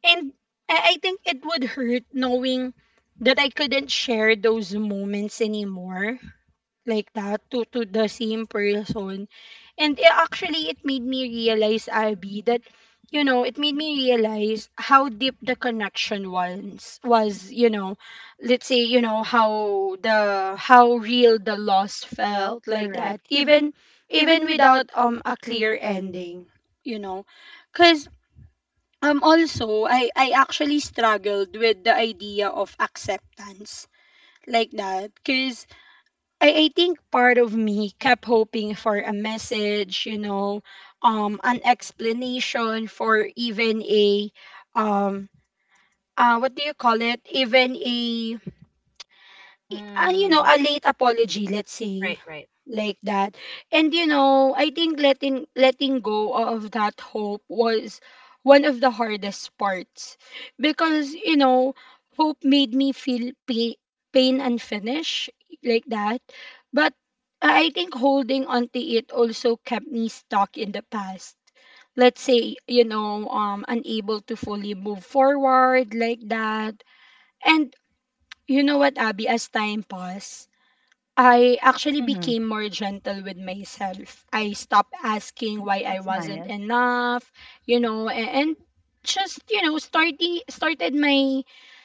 Speaker 2: And I think it would hurt knowing that I couldn't share those moments anymore, like that, to the same person. And actually it made me realize, Abby, that, it made me realize how deep the connection was, you know, let's say, you know, how real the loss felt, like
Speaker 1: Correct.
Speaker 2: that, even even without a clear ending, you know. Cuz also I actually struggled with the idea of acceptance, like that. Cuz I think part of me kept hoping for a message, you know, an explanation, for even a, um, what do you call it? Even a you know,
Speaker 1: Mm.
Speaker 2: a late apology, let's say,
Speaker 1: Right, right.
Speaker 2: like that. And you know, I think letting go of that hope was one of the hardest parts, because, you know, hope made me feel pain, pain unfinished, like that. But I think holding onto it also kept me stuck in the past. Let's say, you know, unable to fully move forward, like that. And you know what, Abby, as time passed, I actually
Speaker 1: Mm-hmm.
Speaker 2: became more gentle with myself. I stopped asking why I
Speaker 1: That's
Speaker 2: wasn't
Speaker 1: nice.
Speaker 2: enough, you know, and just, you know, starting started my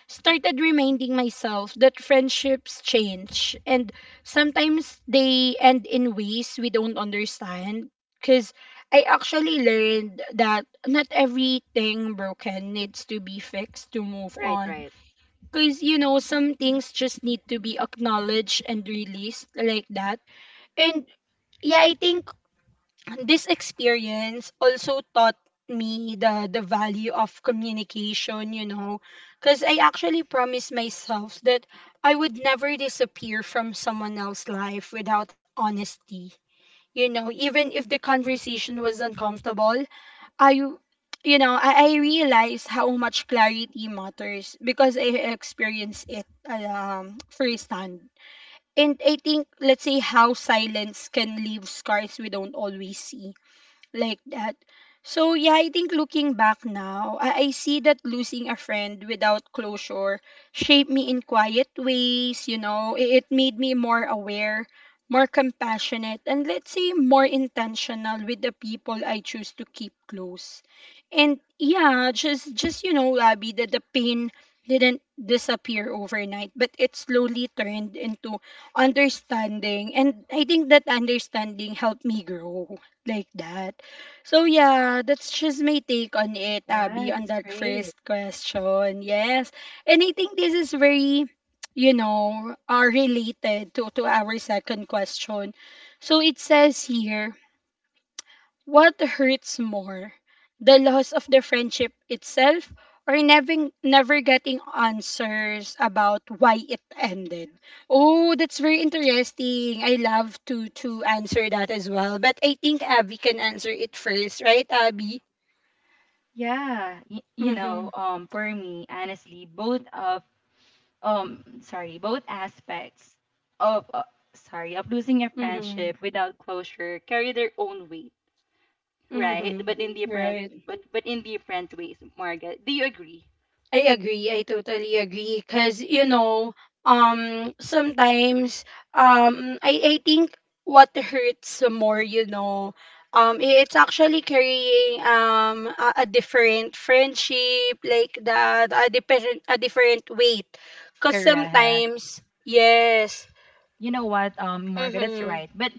Speaker 2: started reminding myself that friendships change and sometimes they end in ways we don't understand, because I actually learned that not everything broken needs to be fixed to move
Speaker 1: Right,
Speaker 2: on,
Speaker 1: right.
Speaker 2: because, you know, some things just need to be acknowledged and released, like that. And yeah, I think this experience also taught me the value of communication, you know, because I actually promised myself that I would never disappear from someone else's life without honesty. You know, even if the conversation was uncomfortable, I, I realize how much clarity matters because I experienced it, firsthand. And I think, let's say, how silence can leave scars we don't always see, like that. So yeah, I think looking back now, I see that losing a friend without closure shaped me in quiet ways, you know. It made me more aware, more compassionate, and, let's say, more intentional with the people I choose to keep close. And yeah, just you know, Abby, that the pain didn't disappear overnight, but it slowly turned into understanding. And I think that understanding helped me grow. Like that. So yeah, that's just my take on it,
Speaker 1: Yeah,
Speaker 2: Abby, on
Speaker 1: that's
Speaker 2: that
Speaker 1: great.
Speaker 2: first question. Yes. And I think this is very, you know, are related to, our second question. So it says here, what hurts more? The loss of the friendship itself, or never getting answers about why it ended. Oh, that's very interesting. I love to answer that as well. But I think Abby can answer it first, right, Abby?
Speaker 1: Yeah. You
Speaker 2: Mm-hmm.
Speaker 1: know, for me, honestly, both of sorry, both aspects of sorry, of losing a
Speaker 2: Mm-hmm.
Speaker 1: friendship without closure carry their own weight, right?
Speaker 2: Mm-hmm.
Speaker 1: But in different,
Speaker 2: Right.
Speaker 1: but in different ways, Margaret. Do you agree?
Speaker 2: I agree. I totally agree. Cause you know, sometimes, I think what hurts more, you know, it's actually carrying a different friendship, like that, a different, a different weight. Cause
Speaker 1: Correct.
Speaker 2: sometimes, yes.
Speaker 1: You know what, Margaret, that's
Speaker 2: Mm-hmm.
Speaker 1: right. But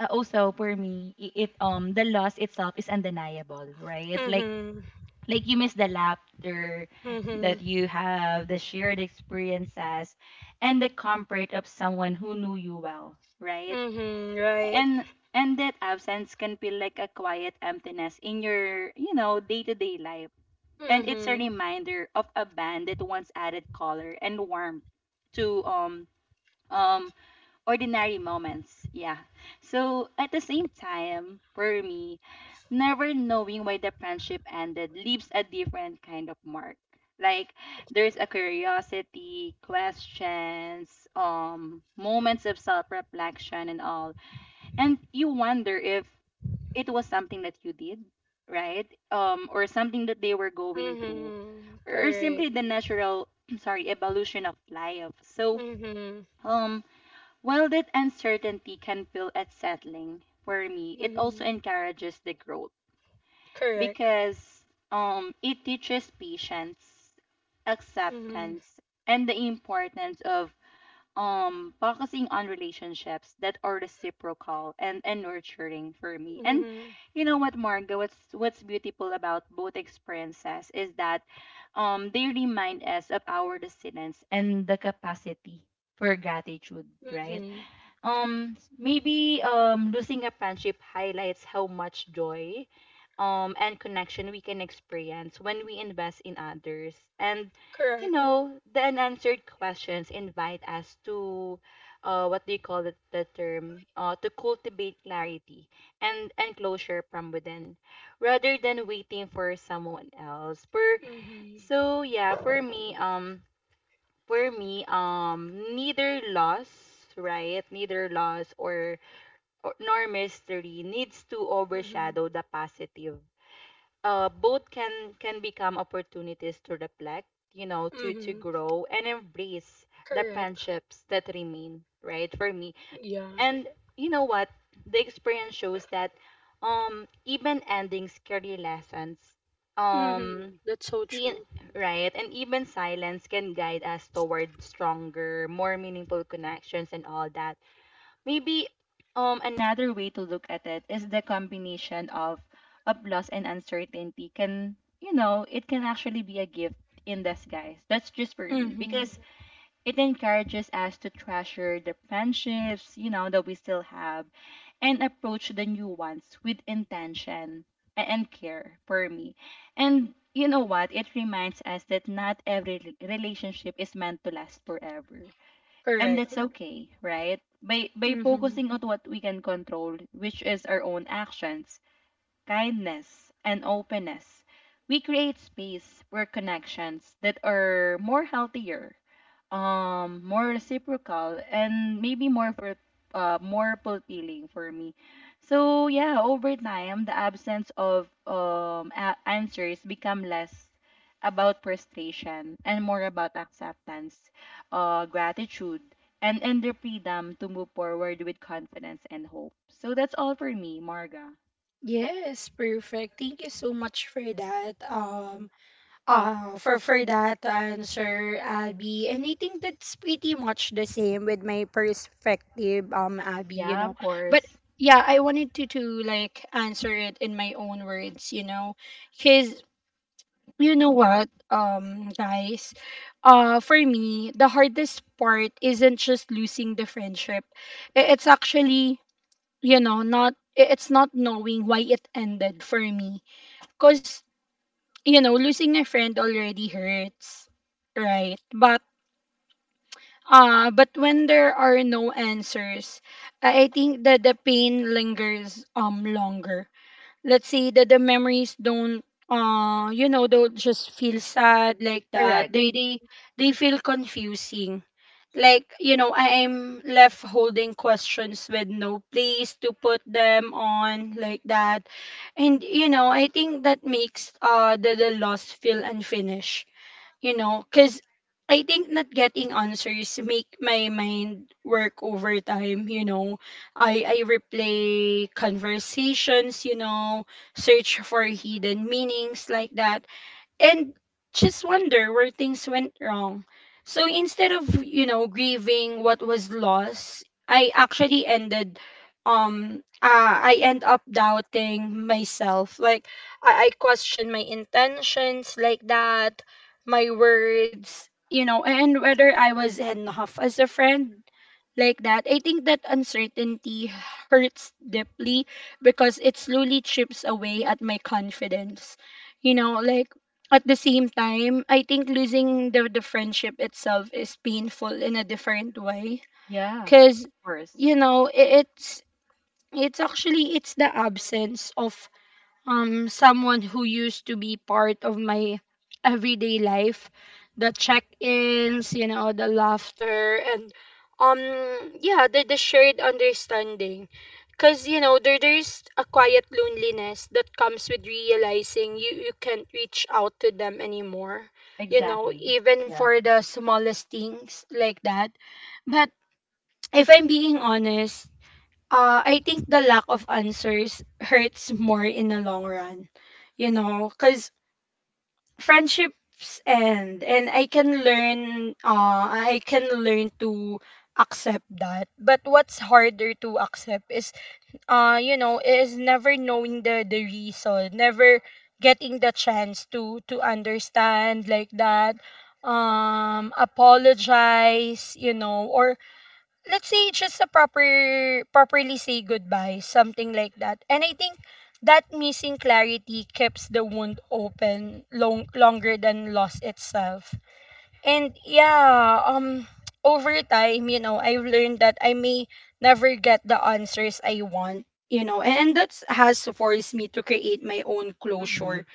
Speaker 1: also for me, it the loss itself is undeniable, right? Like
Speaker 2: Mm-hmm.
Speaker 1: like you miss the laughter
Speaker 2: Mm-hmm.
Speaker 1: that you have, the shared experiences, and the comfort of someone who knew you well, right?
Speaker 2: Mm-hmm. Right.
Speaker 1: And and that absence can feel like a quiet emptiness in your day-to-day life, and it's a
Speaker 2: Mm-hmm.
Speaker 1: reminder of a band that once added color and warmth to um ordinary moments. Yeah. So at the same time for me, never knowing why the friendship ended leaves a different kind of mark. Like, there's a curiosity, questions, moments of self-reflection and all, and you wonder if it was something that you did, right? Or something that they were going through,
Speaker 2: Mm-hmm.
Speaker 1: or
Speaker 2: Correct.
Speaker 1: simply the natural, sorry, evolution of life. So,
Speaker 2: Mm-hmm.
Speaker 1: um, while that uncertainty can feel unsettling for me, it
Speaker 2: Mm-hmm.
Speaker 1: also encourages the growth
Speaker 2: Correct.
Speaker 1: because it teaches patience,
Speaker 2: Mm-hmm.
Speaker 1: acceptance, and the importance of focusing on relationships that are reciprocal and nurturing for me. And
Speaker 2: Mm-hmm.
Speaker 1: you know what, Margo, what's beautiful about both experiences is that they remind us of our resilience and the capacity for gratitude, right?
Speaker 2: Mm-hmm.
Speaker 1: Maybe losing a friendship highlights how much joy and connection we can experience when we invest in others. And you
Speaker 2: Correct.
Speaker 1: know, the unanswered questions invite us to what do you call it, the term? To cultivate clarity and closure from within rather than waiting for someone else. For
Speaker 2: Mm-hmm.
Speaker 1: So yeah, for me, neither loss, right? Neither loss or nor mystery needs to
Speaker 2: Mm-hmm.
Speaker 1: overshadow the positive. Both can become opportunities to reflect, you know, to
Speaker 2: Mm-hmm.
Speaker 1: grow and embrace the
Speaker 2: Correct.
Speaker 1: friendships that remain, right? For me.
Speaker 2: Yeah.
Speaker 1: And you know what, the experience shows that, even endings carry lessons. Um,
Speaker 2: Mm-hmm. That's so true.
Speaker 1: Mhm. Right. And even silence can guide us toward stronger, more meaningful connections and all that. Maybe another way to look at it is the combination of loss and uncertainty it can actually be a gift in disguise. That's just for me.
Speaker 2: Mm-hmm.
Speaker 1: Because it encourages us to treasure the friendships, you know, that we still have and approach the new ones with intention and care for me. And you know what? It reminds us that not every relationship is meant to last forever. And
Speaker 2: Correct.
Speaker 1: that's okay, right? By
Speaker 2: Mm-hmm.
Speaker 1: focusing on what we can control, which is our own actions, kindness, and openness, we create space for connections that are more healthier, more reciprocal and maybe more for more fulfilling for me. So yeah, over time the absence of answers become less about frustration and more about acceptance, gratitude, and the freedom to move forward with confidence and hope. So that's all for me, Marga.
Speaker 2: Yes, perfect. Thank you so much for that, for that to answer, Abby, and I think that's pretty much the same with my perspective, Abby, you
Speaker 1: Yeah,
Speaker 2: know.
Speaker 1: of
Speaker 2: But
Speaker 1: course.
Speaker 2: yeah, I wanted to like answer it in my own words, you know, because, you know what, guys, for me, the hardest part isn't just losing the friendship. It's actually, you know, not I- it's not knowing why it ended for me. Cause, you know, losing a friend already hurts, right? But when there are no answers, I think that the pain lingers longer. Let's say that the memories don't you know, don't just feel sad, like that.
Speaker 1: Correct.
Speaker 2: They they feel confusing. Like, you know, I am left holding questions with no place to put them on, like that. And you know, I think that makes the loss feel unfinished, you know, because I think not getting answers make my mind work over time, you know. I replay conversations, you know, search for hidden meanings, like that, and just wonder where things went wrong. So instead of, you know, grieving what was lost, I actually ended I end up doubting myself. Like I question my intentions, like that, my words, you know, and whether I was enough as a friend, like that. I think that uncertainty hurts deeply because it slowly chips away at my confidence. You know, like, at the same time, I think losing the friendship itself is painful in a different way,
Speaker 1: Yeah.
Speaker 2: because,
Speaker 1: Of course.
Speaker 2: you know, it's actually, it's the absence of someone who used to be part of my everyday life, the check-ins, you know, the laughter, and yeah, the shared understanding. Because, you know, there's a quiet loneliness that comes with realizing you can't reach out to them anymore, you know,
Speaker 1: Exactly.
Speaker 2: even
Speaker 1: Yeah.
Speaker 2: for the smallest things, like that. But if I'm being honest, I think the lack of answers hurts more in the long run, you know, because friendships end and I can learn to accept that. But what's harder to accept is you know, is never knowing the reason, never getting the chance to understand, like that, apologize, you know, or, let's say, just a properly say goodbye, something like that. And I think that missing clarity keeps the wound open longer than loss itself. And yeah, over time, you know, I've learned that I may never get the answers I want, you know, and that has forced me to create my own
Speaker 1: Mhm.
Speaker 2: closure.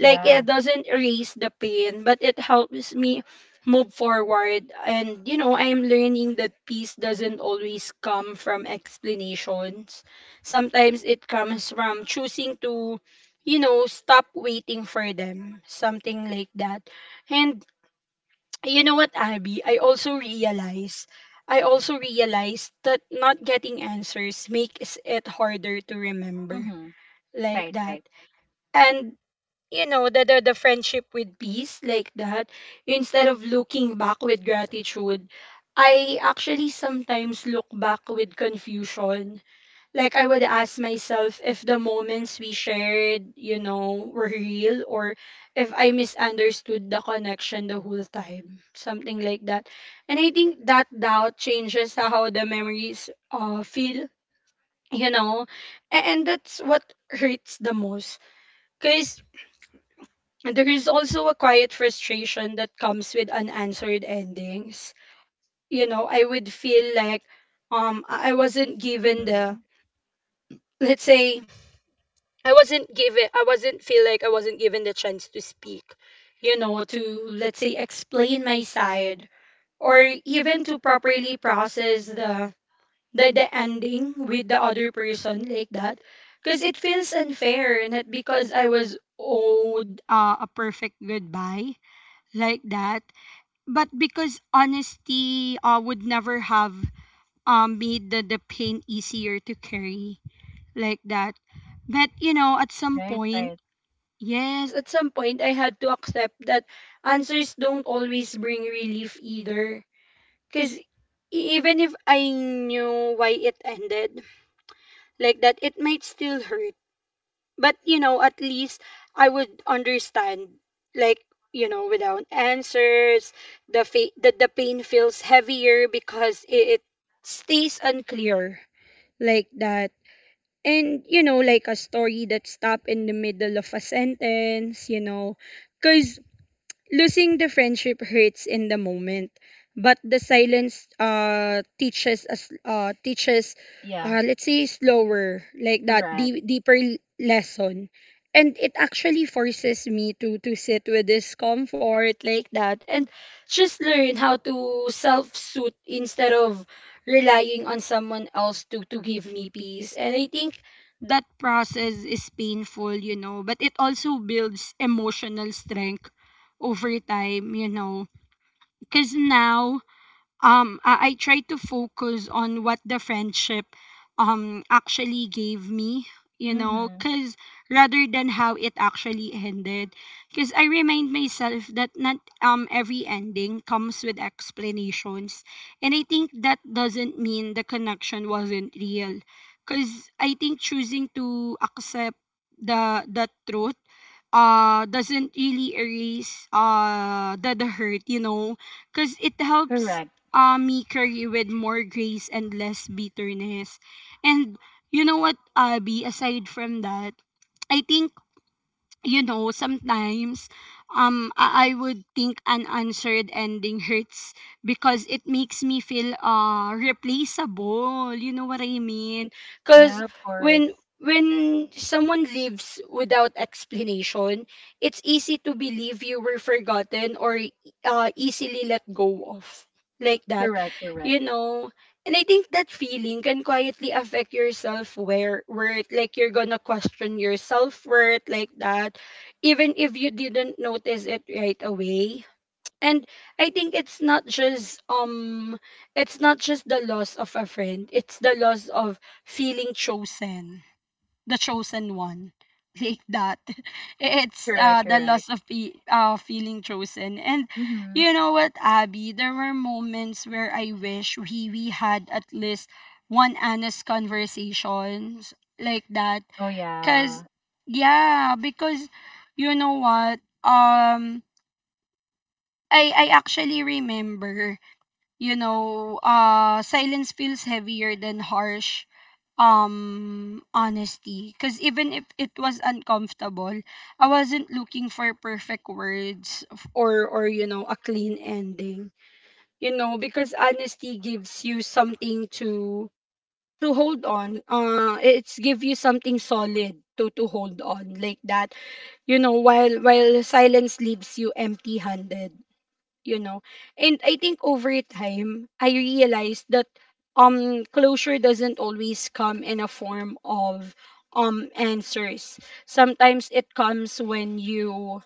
Speaker 2: Like, it doesn't erase the pain, but it helps me move forward. And you know, I'm learning that peace doesn't always come from explanations. Sometimes it comes from choosing to, you know, stop waiting for them, something like that. And you know what, Abby? I also realized that not getting answers makes it harder to remember,
Speaker 1: Mhm.
Speaker 2: like
Speaker 1: Right,
Speaker 2: that.
Speaker 1: right.
Speaker 2: And you know the the friendship with peace, like that, instead of looking back with gratitude, I actually sometimes look back with confusion. Like, I would ask myself if the moments we shared, you know, were real, or if I misunderstood the connection the whole time, something like that. And I think that doubt changes how the memories feel, you know. And that's what hurts the most, because, and there is also a quiet frustration that comes with unanswered endings. You know, I would feel like I wasn't given the,
Speaker 1: Mm-hmm.
Speaker 2: let's say, I wasn't feel like I wasn't given the chance to speak, you know, to, let's say, explain my side, or even to properly process the ending with the other person, like that, because it feels unfair, not because I was owed a perfect goodbye, like that, but because honesty, would never have made the pain easier to carry, like that. But you know, at some
Speaker 1: Right,
Speaker 2: point,
Speaker 1: right.
Speaker 2: yes, at some point, I had to accept that answers don't always bring relief either. Because even if I knew why it ended like that, it might still hurt, but at least I would understand. Like, without answers, the pain feels heavier because it stays unclear, like that. And like a story that stop in the middle of a sentence, cuz losing the friendship hurts in the moment, but the silence, teaches us, teaches,
Speaker 1: Yeah,
Speaker 2: let's say slower, like that,
Speaker 1: correct.
Speaker 2: deeper lesson. And it actually forces me to sit with discomfort, like that, and just learn how to self soothe instead of relying on someone else to give me peace. And I think that process is painful, but it also builds emotional strength over time. Because now, I try to focus on what the friendship actually gave me,
Speaker 1: Mm-hmm.
Speaker 2: because rather than how it actually ended. Because I remind myself that not every ending comes with explanations, and I think that doesn't mean the connection wasn't real. Because I think choosing to accept the truth, doesn't really erase the hurt, because it helps,
Speaker 1: Correct.
Speaker 2: me carry with more grace and less bitterness. And you know what, Abby, aside from that, I think, sometimes, I would think an answered ending hurts because it makes me feel, replaceable. You know what I mean?
Speaker 1: Yeah,
Speaker 2: Cause
Speaker 1: of course.
Speaker 2: when someone leaves without explanation, it's easy to believe you were forgotten or, easily let go of, like that,
Speaker 1: Correct, correct.
Speaker 2: you know. And I think that feeling can quietly affect your self worth. Like, you're gonna question your self worth, like that, even if you didn't notice it right away. And I think it's not just the loss of a friend, it's the loss of feeling chosen, the chosen one like that. It's,
Speaker 1: Correct,
Speaker 2: the
Speaker 1: correct.
Speaker 2: loss of feeling chosen. And
Speaker 1: Mm-hmm.
Speaker 2: you know what, Abby, there were moments where I wish we had at least one honest conversations, like that.
Speaker 1: Oh,
Speaker 2: Cause
Speaker 1: yeah.
Speaker 2: yeah, because you know what? I actually remember, you know, silence feels heavier than harsh honesty, because even if it was uncomfortable, I wasn't looking for perfect words, or a clean ending, you know, because honesty gives you something to hold on, it's give you something solid to hold on, like that, you know, while silence leaves you empty handed. you know and I think over time I realized that, closure doesn't always come in a form of, answers. Sometimes it comes when you,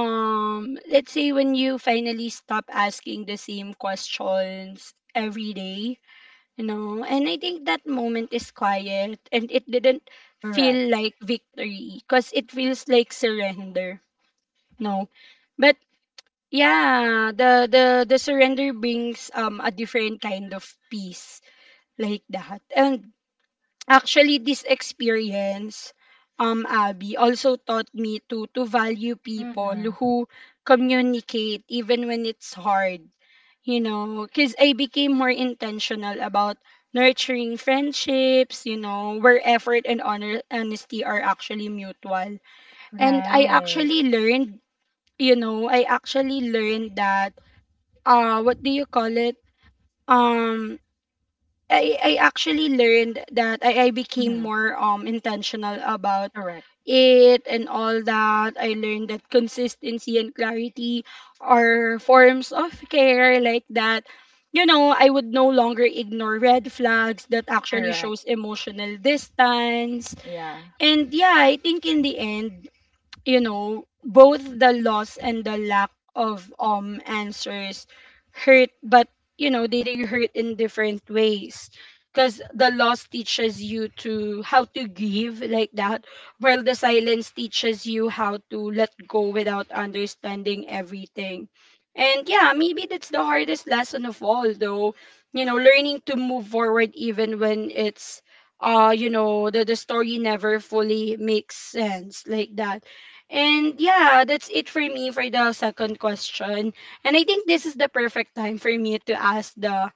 Speaker 2: let's say, when you finally stop asking the same questions every day. And I think that moment is quiet, and it didn't
Speaker 1: Correct.
Speaker 2: feel like victory because it feels like surrender. No. But yeah, the surrender brings, a different kind of peace, like that. And actually this experience, Abby, also taught me to value people
Speaker 1: Mm-hmm.
Speaker 2: who communicate even when it's hard, you know, cuz I became more intentional about nurturing friendships, you know, where effort and honesty are actually mutual. And I
Speaker 1: Right.
Speaker 2: actually learned, that, what do you call it? Um I actually learned that I became
Speaker 1: Mm-hmm.
Speaker 2: more intentional about
Speaker 1: Correct.
Speaker 2: it and all that. I learned that consistency and clarity are forms of care, like that. You know, I would no longer ignore red flags that actually
Speaker 1: Correct.
Speaker 2: shows emotional distance.
Speaker 1: Yeah.
Speaker 2: And yeah, I think in the end, both the loss and the lack of answers hurt, but they do hurt in different ways. Because the loss teaches you to how to give, like that, while the silence teaches you how to let go without understanding everything. And yeah, maybe that's the hardest lesson of all, though. You know, learning to move forward even when it's, the story never fully makes sense, like that. And yeah, that's it for me for the second question. And I think this is the perfect time for me to ask the,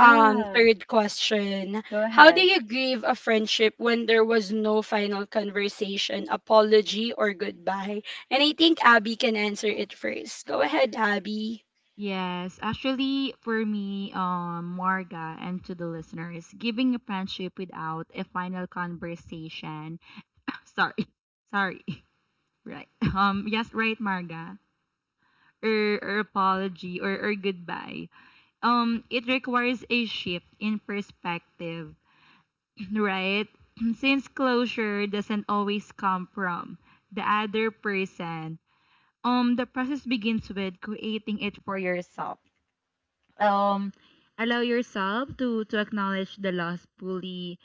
Speaker 2: third question.
Speaker 1: Go
Speaker 2: How do
Speaker 1: ahead.
Speaker 2: you grieve a friendship when there was no final conversation, apology or goodbye? And I think Abby can answer it first. Go ahead, Abby.
Speaker 1: Yes, actually, for me, Marga, and to the listeners, giving a friendship without a final conversation. Sorry, sorry. Right. Yes, right, Marga, or apology, or goodbye. It requires a shift in perspective, right? Since closure doesn't always come from the other person, the process begins with creating it for yourself. Um, allow yourself to acknowledge the loss fully,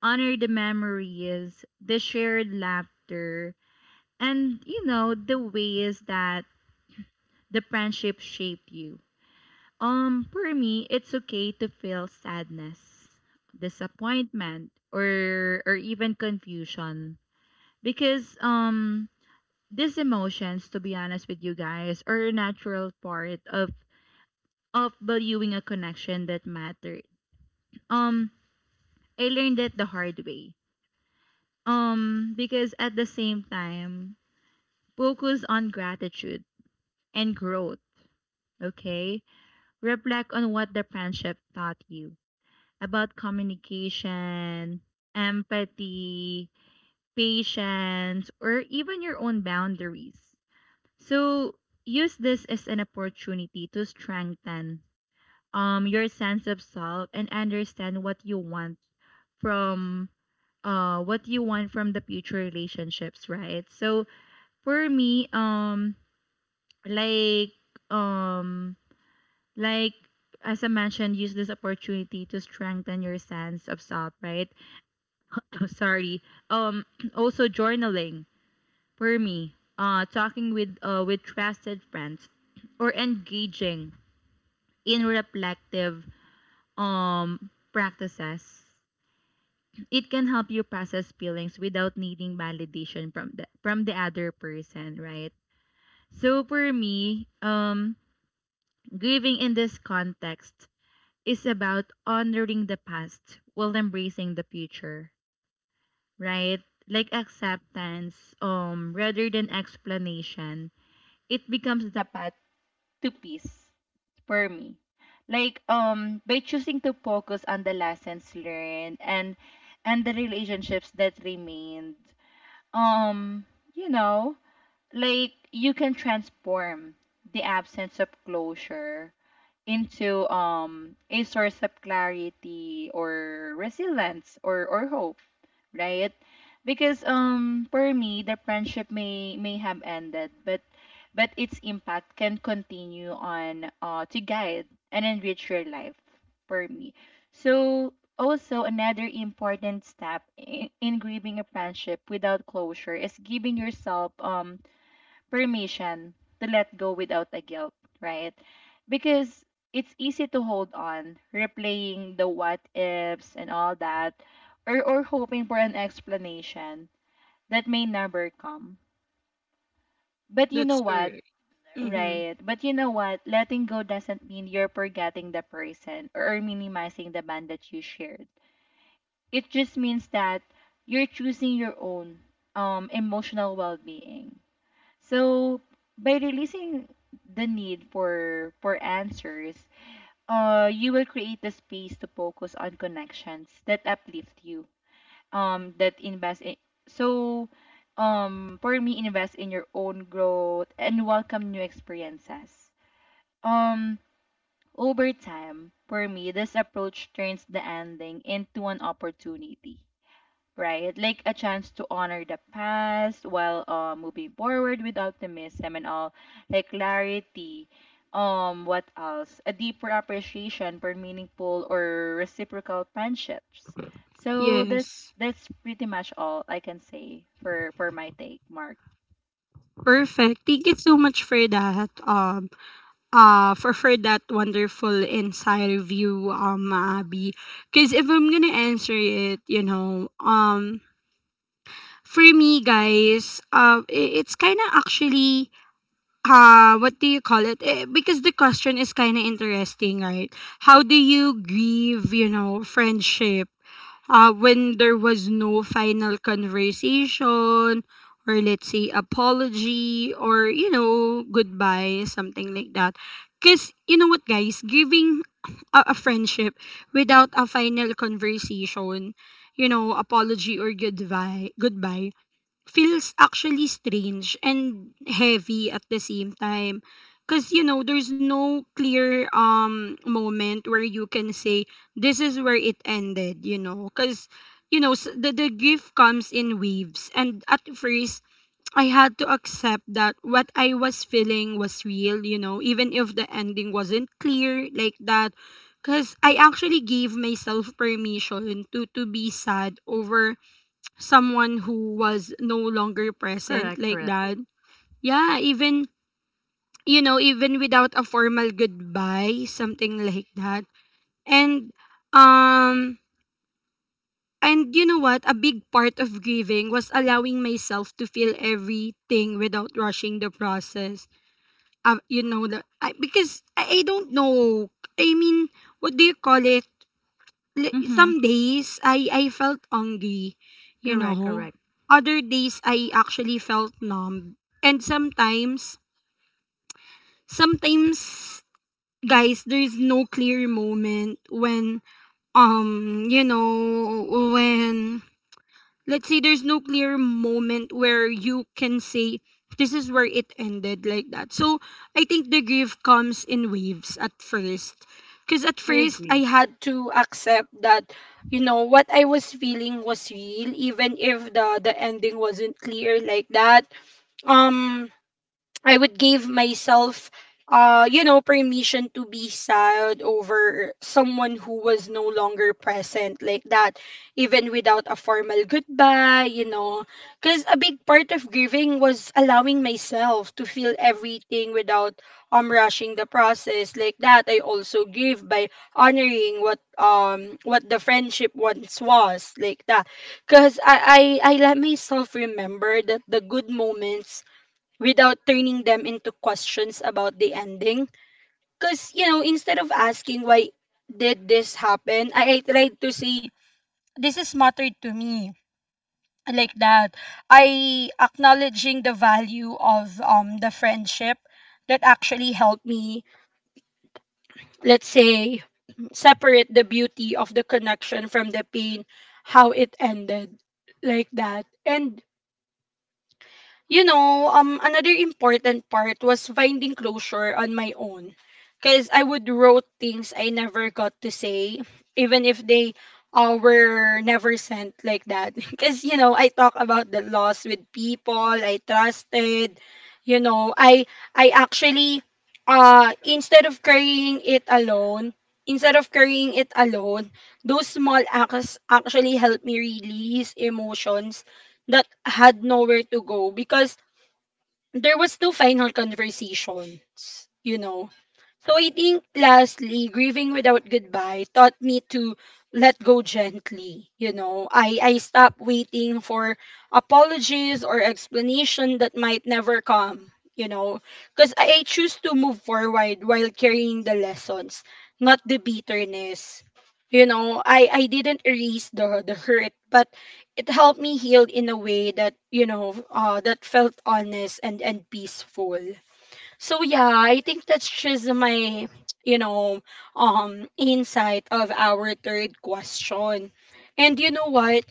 Speaker 1: honor the memories, the shared laughter, and you know the ways that the friendship shaped you. For me, it's okay to feel sadness, disappointment, or even confusion because these emotions, to be honest with you guys, are a natural part of valuing a connection that mattered. Um, I learned that the hard way. Because at the same time, focus on gratitude and growth. Okay, reflect on what the friendship taught you about communication, empathy, patience, or even your own boundaries. So use this as an opportunity to strengthen, your sense of self, and understand what you want from what you want from the future relationships, right? So for me, like um, like, as I mentioned, use this opportunity to strengthen your sense of self, right? Oh, sorry, um also journaling for me, talking with trusted friends, or engaging in reflective um practices. It can help you process feelings without needing validation from the other person, right? So for me, grieving in this context is about honoring the past while embracing the future, right? Like acceptance, rather than explanation, it becomes the path to peace for me. Like, by choosing to focus on the lessons learned and the relationships that remained, um, you know, like you can transform the absence of closure into a source of clarity or resilience or hope, right? Because for me the friendship may have ended, but its impact can continue on to guide and enrich your life for me. So also another important step in grieving a friendship without closure is giving yourself permission to let go without a guilt, right? Because it's easy to hold on, replaying the what ifs and all that, or hoping for an explanation that may never come. But you know
Speaker 2: That's
Speaker 1: what?
Speaker 2: correct. Mm-hmm.
Speaker 1: Right. But you know what? Letting go doesn't mean you're forgetting the person or minimizing the bond that you shared. It just means that you're choosing your own, emotional well being. So by releasing the need for answers, you will create the space to focus on connections that uplift you. That invest in. So, for me, invest in your own growth and welcome new experiences. Um Over time, for me, this approach turns the ending into an opportunity. Right, like a chance to honor the past while, moving forward with optimism and all, like clarity. What else? A deeper appreciation for meaningful or reciprocal friendships. So
Speaker 2: Yes.
Speaker 1: that's pretty much all I can say for my take, Mark.
Speaker 2: Perfect. Thank you so much for that, for that wonderful inside review, Abby, because if I'm gonna answer it, for me, guys, it's kind of actually, what do you call it? Because the question is kind of interesting, right? How do you grieve, friendship, when there was no final conversation, or let's say apology or, goodbye, something like that. Because you know what, guys, giving a friendship without a final conversation, apology, or goodbye, feels actually strange and heavy at the same time, because you know there's no clear, moment where you can say this is where it ended. Because the grief comes in waves, and at first I had to accept that what I was feeling was real, even if the ending wasn't clear, like that, because I actually gave myself permission to be sad over someone who was no longer present, like that. Yeah, even without a formal goodbye, something like that. And um and you know what? A big part of grieving was allowing myself to feel everything without rushing the process. Because I don't know. I mean, what do you call it?
Speaker 1: Mm-hmm.
Speaker 2: Some days I felt hungry, you
Speaker 1: Correct,
Speaker 2: know.
Speaker 1: correct.
Speaker 2: Other days I actually felt numb. And sometimes, guys, there's no clear moment when, when, let's say, there's no clear moment where you can say this is where it ended, like that. So I think the grief comes in waves at first. Because at
Speaker 1: I
Speaker 2: first
Speaker 1: agree.
Speaker 2: I had to accept that, what I was feeling was real, even if the ending wasn't clear, like that. Um I would give myself, permission to be sad over someone who was no longer present, like that, even without a formal goodbye. Because a big part of grieving was allowing myself to feel everything without, rushing the process, like that. I also grieve by honoring what the friendship once was, like that. Cause I let myself remember that the good moments, without turning them into questions about the ending. Because, instead of asking why did this happen, I tried to say, this is mattered to me. Like that. I acknowledging the value of, the friendship that actually helped me, let's say, separate the beauty of the connection from the pain, how it ended. Like that. And, another important part was finding closure on my own. Because I would wrote things I never got to say, even if they, were never sent, like that. Because, I talk about the loss with people I trusted. You know, I actually, uh, instead of carrying it alone, instead of carrying it alone, those small acts actually helped me release emotions that had nowhere to go, because there was no final conversations. So I think lastly, grieving without goodbye taught me to let go gently. You know, I stopped waiting for apologies or explanation that might never come, you know, because I choose to move forward while carrying the lessons, not the bitterness. You know, I didn't erase the hurt, but it helped me heal in a way that felt honest and peaceful. So yeah, I think that's just my, you know insight of our third question. And you know what?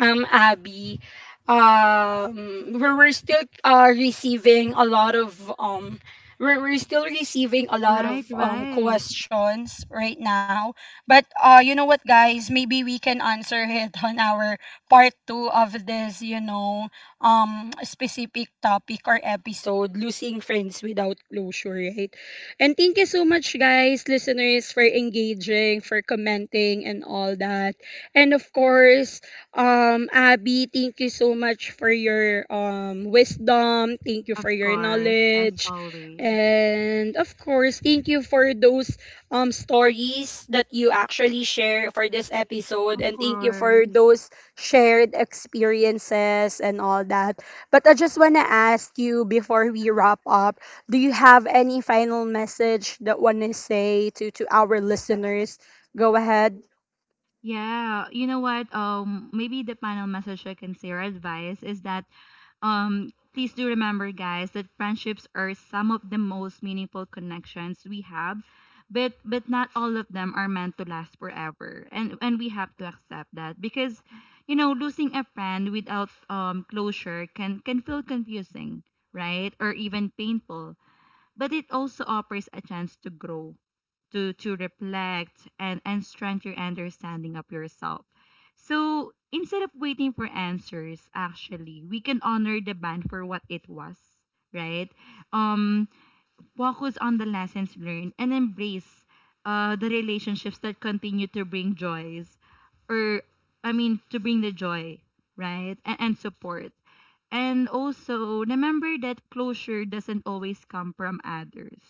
Speaker 2: Abby, we're still, receiving a lot of, we're still receiving a lot
Speaker 1: Right,
Speaker 2: of,
Speaker 1: right.
Speaker 2: questions right now, but, you know what, guys, maybe we can answer it on our part 2 of this, specific topic or episode, losing friends without closure, right? And thank you so much, guys, listeners, for engaging, for commenting and all that. And of course, Abby, thank you so much for your, wisdom. Thank you
Speaker 1: Of
Speaker 2: for your
Speaker 1: course, as
Speaker 2: knowledge.
Speaker 1: always.
Speaker 2: And of course, thank you for those, stories that you actually share for this episode,
Speaker 1: Of
Speaker 2: and thank you for
Speaker 1: course.
Speaker 2: those shared experiences and all that. But I just want to ask you before we wrap up, do you have any final message that want to say to our listeners? Go ahead.
Speaker 1: Yeah, you know what? Maybe the final message I can say or advice is that, please do remember, guys, that friendships are some of the most meaningful connections we have, but not all of them are meant to last forever, and we have to accept that because, you know, losing a friend without closure can feel confusing, right? Or even painful, but it also offers a chance to grow, to reflect and strengthen your understanding of yourself. So instead of waiting for answers, actually, we can honor the band for what it was, right? Um, focus on the lessons learned and embrace, the relationships that continue to bring joys, or I mean, to bring the joy, right, and support. And also, remember that closure doesn't always come from others.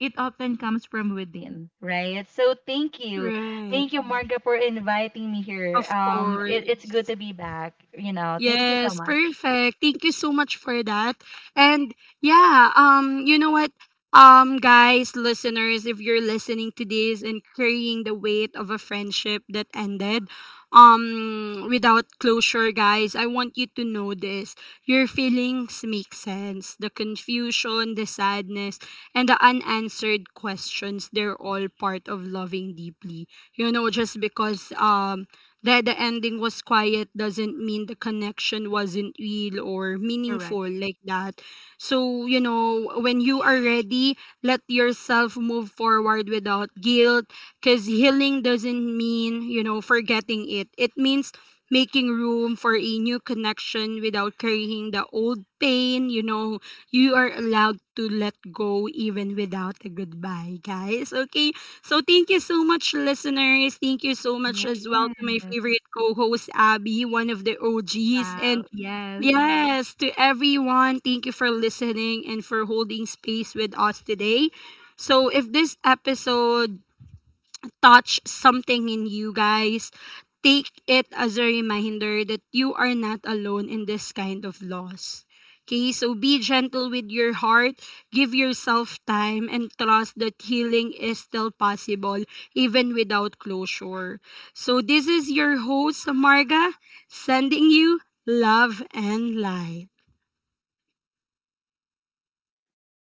Speaker 1: It often comes from within, right? So thank you.
Speaker 2: Right.
Speaker 1: Thank you, Marga, for inviting me here.
Speaker 2: Of
Speaker 1: It's good
Speaker 2: course.
Speaker 1: to be back. You know, thank you so
Speaker 2: Yes,
Speaker 1: much.
Speaker 2: perfect. Thank you so much for that. And yeah, you know what? Guys, listeners, if you're listening to this and carrying the weight of a friendship that ended, without closure, guys, I want you to know this. Your feelings make sense. The confusion, the sadness, and the unanswered questions, they're all part of loving deeply. You know, just because that the ending was quiet doesn't mean the connection wasn't real or
Speaker 1: Correct.
Speaker 2: meaningful, like that. So, you know, when you are ready, let yourself move forward without guilt, because healing doesn't mean, forgetting it. It means making room for a new connection without carrying the old pain. You know, you are allowed to let go even without a goodbye, guys. Okay, so thank you so much, listeners. Thank you so much
Speaker 1: Yes.
Speaker 2: as well to my favorite co-host Abby, one of the OGs.
Speaker 1: Wow.
Speaker 2: And
Speaker 1: Yes.
Speaker 2: yes, to everyone, thank you for listening and for holding space with us today. So if this episode touched something in you guys, take it as a reminder that you are not alone in this kind of loss. Okay, so be gentle with your heart, give yourself time, and trust that healing is still possible even without closure. So, this is your host, Marga, sending you love and light.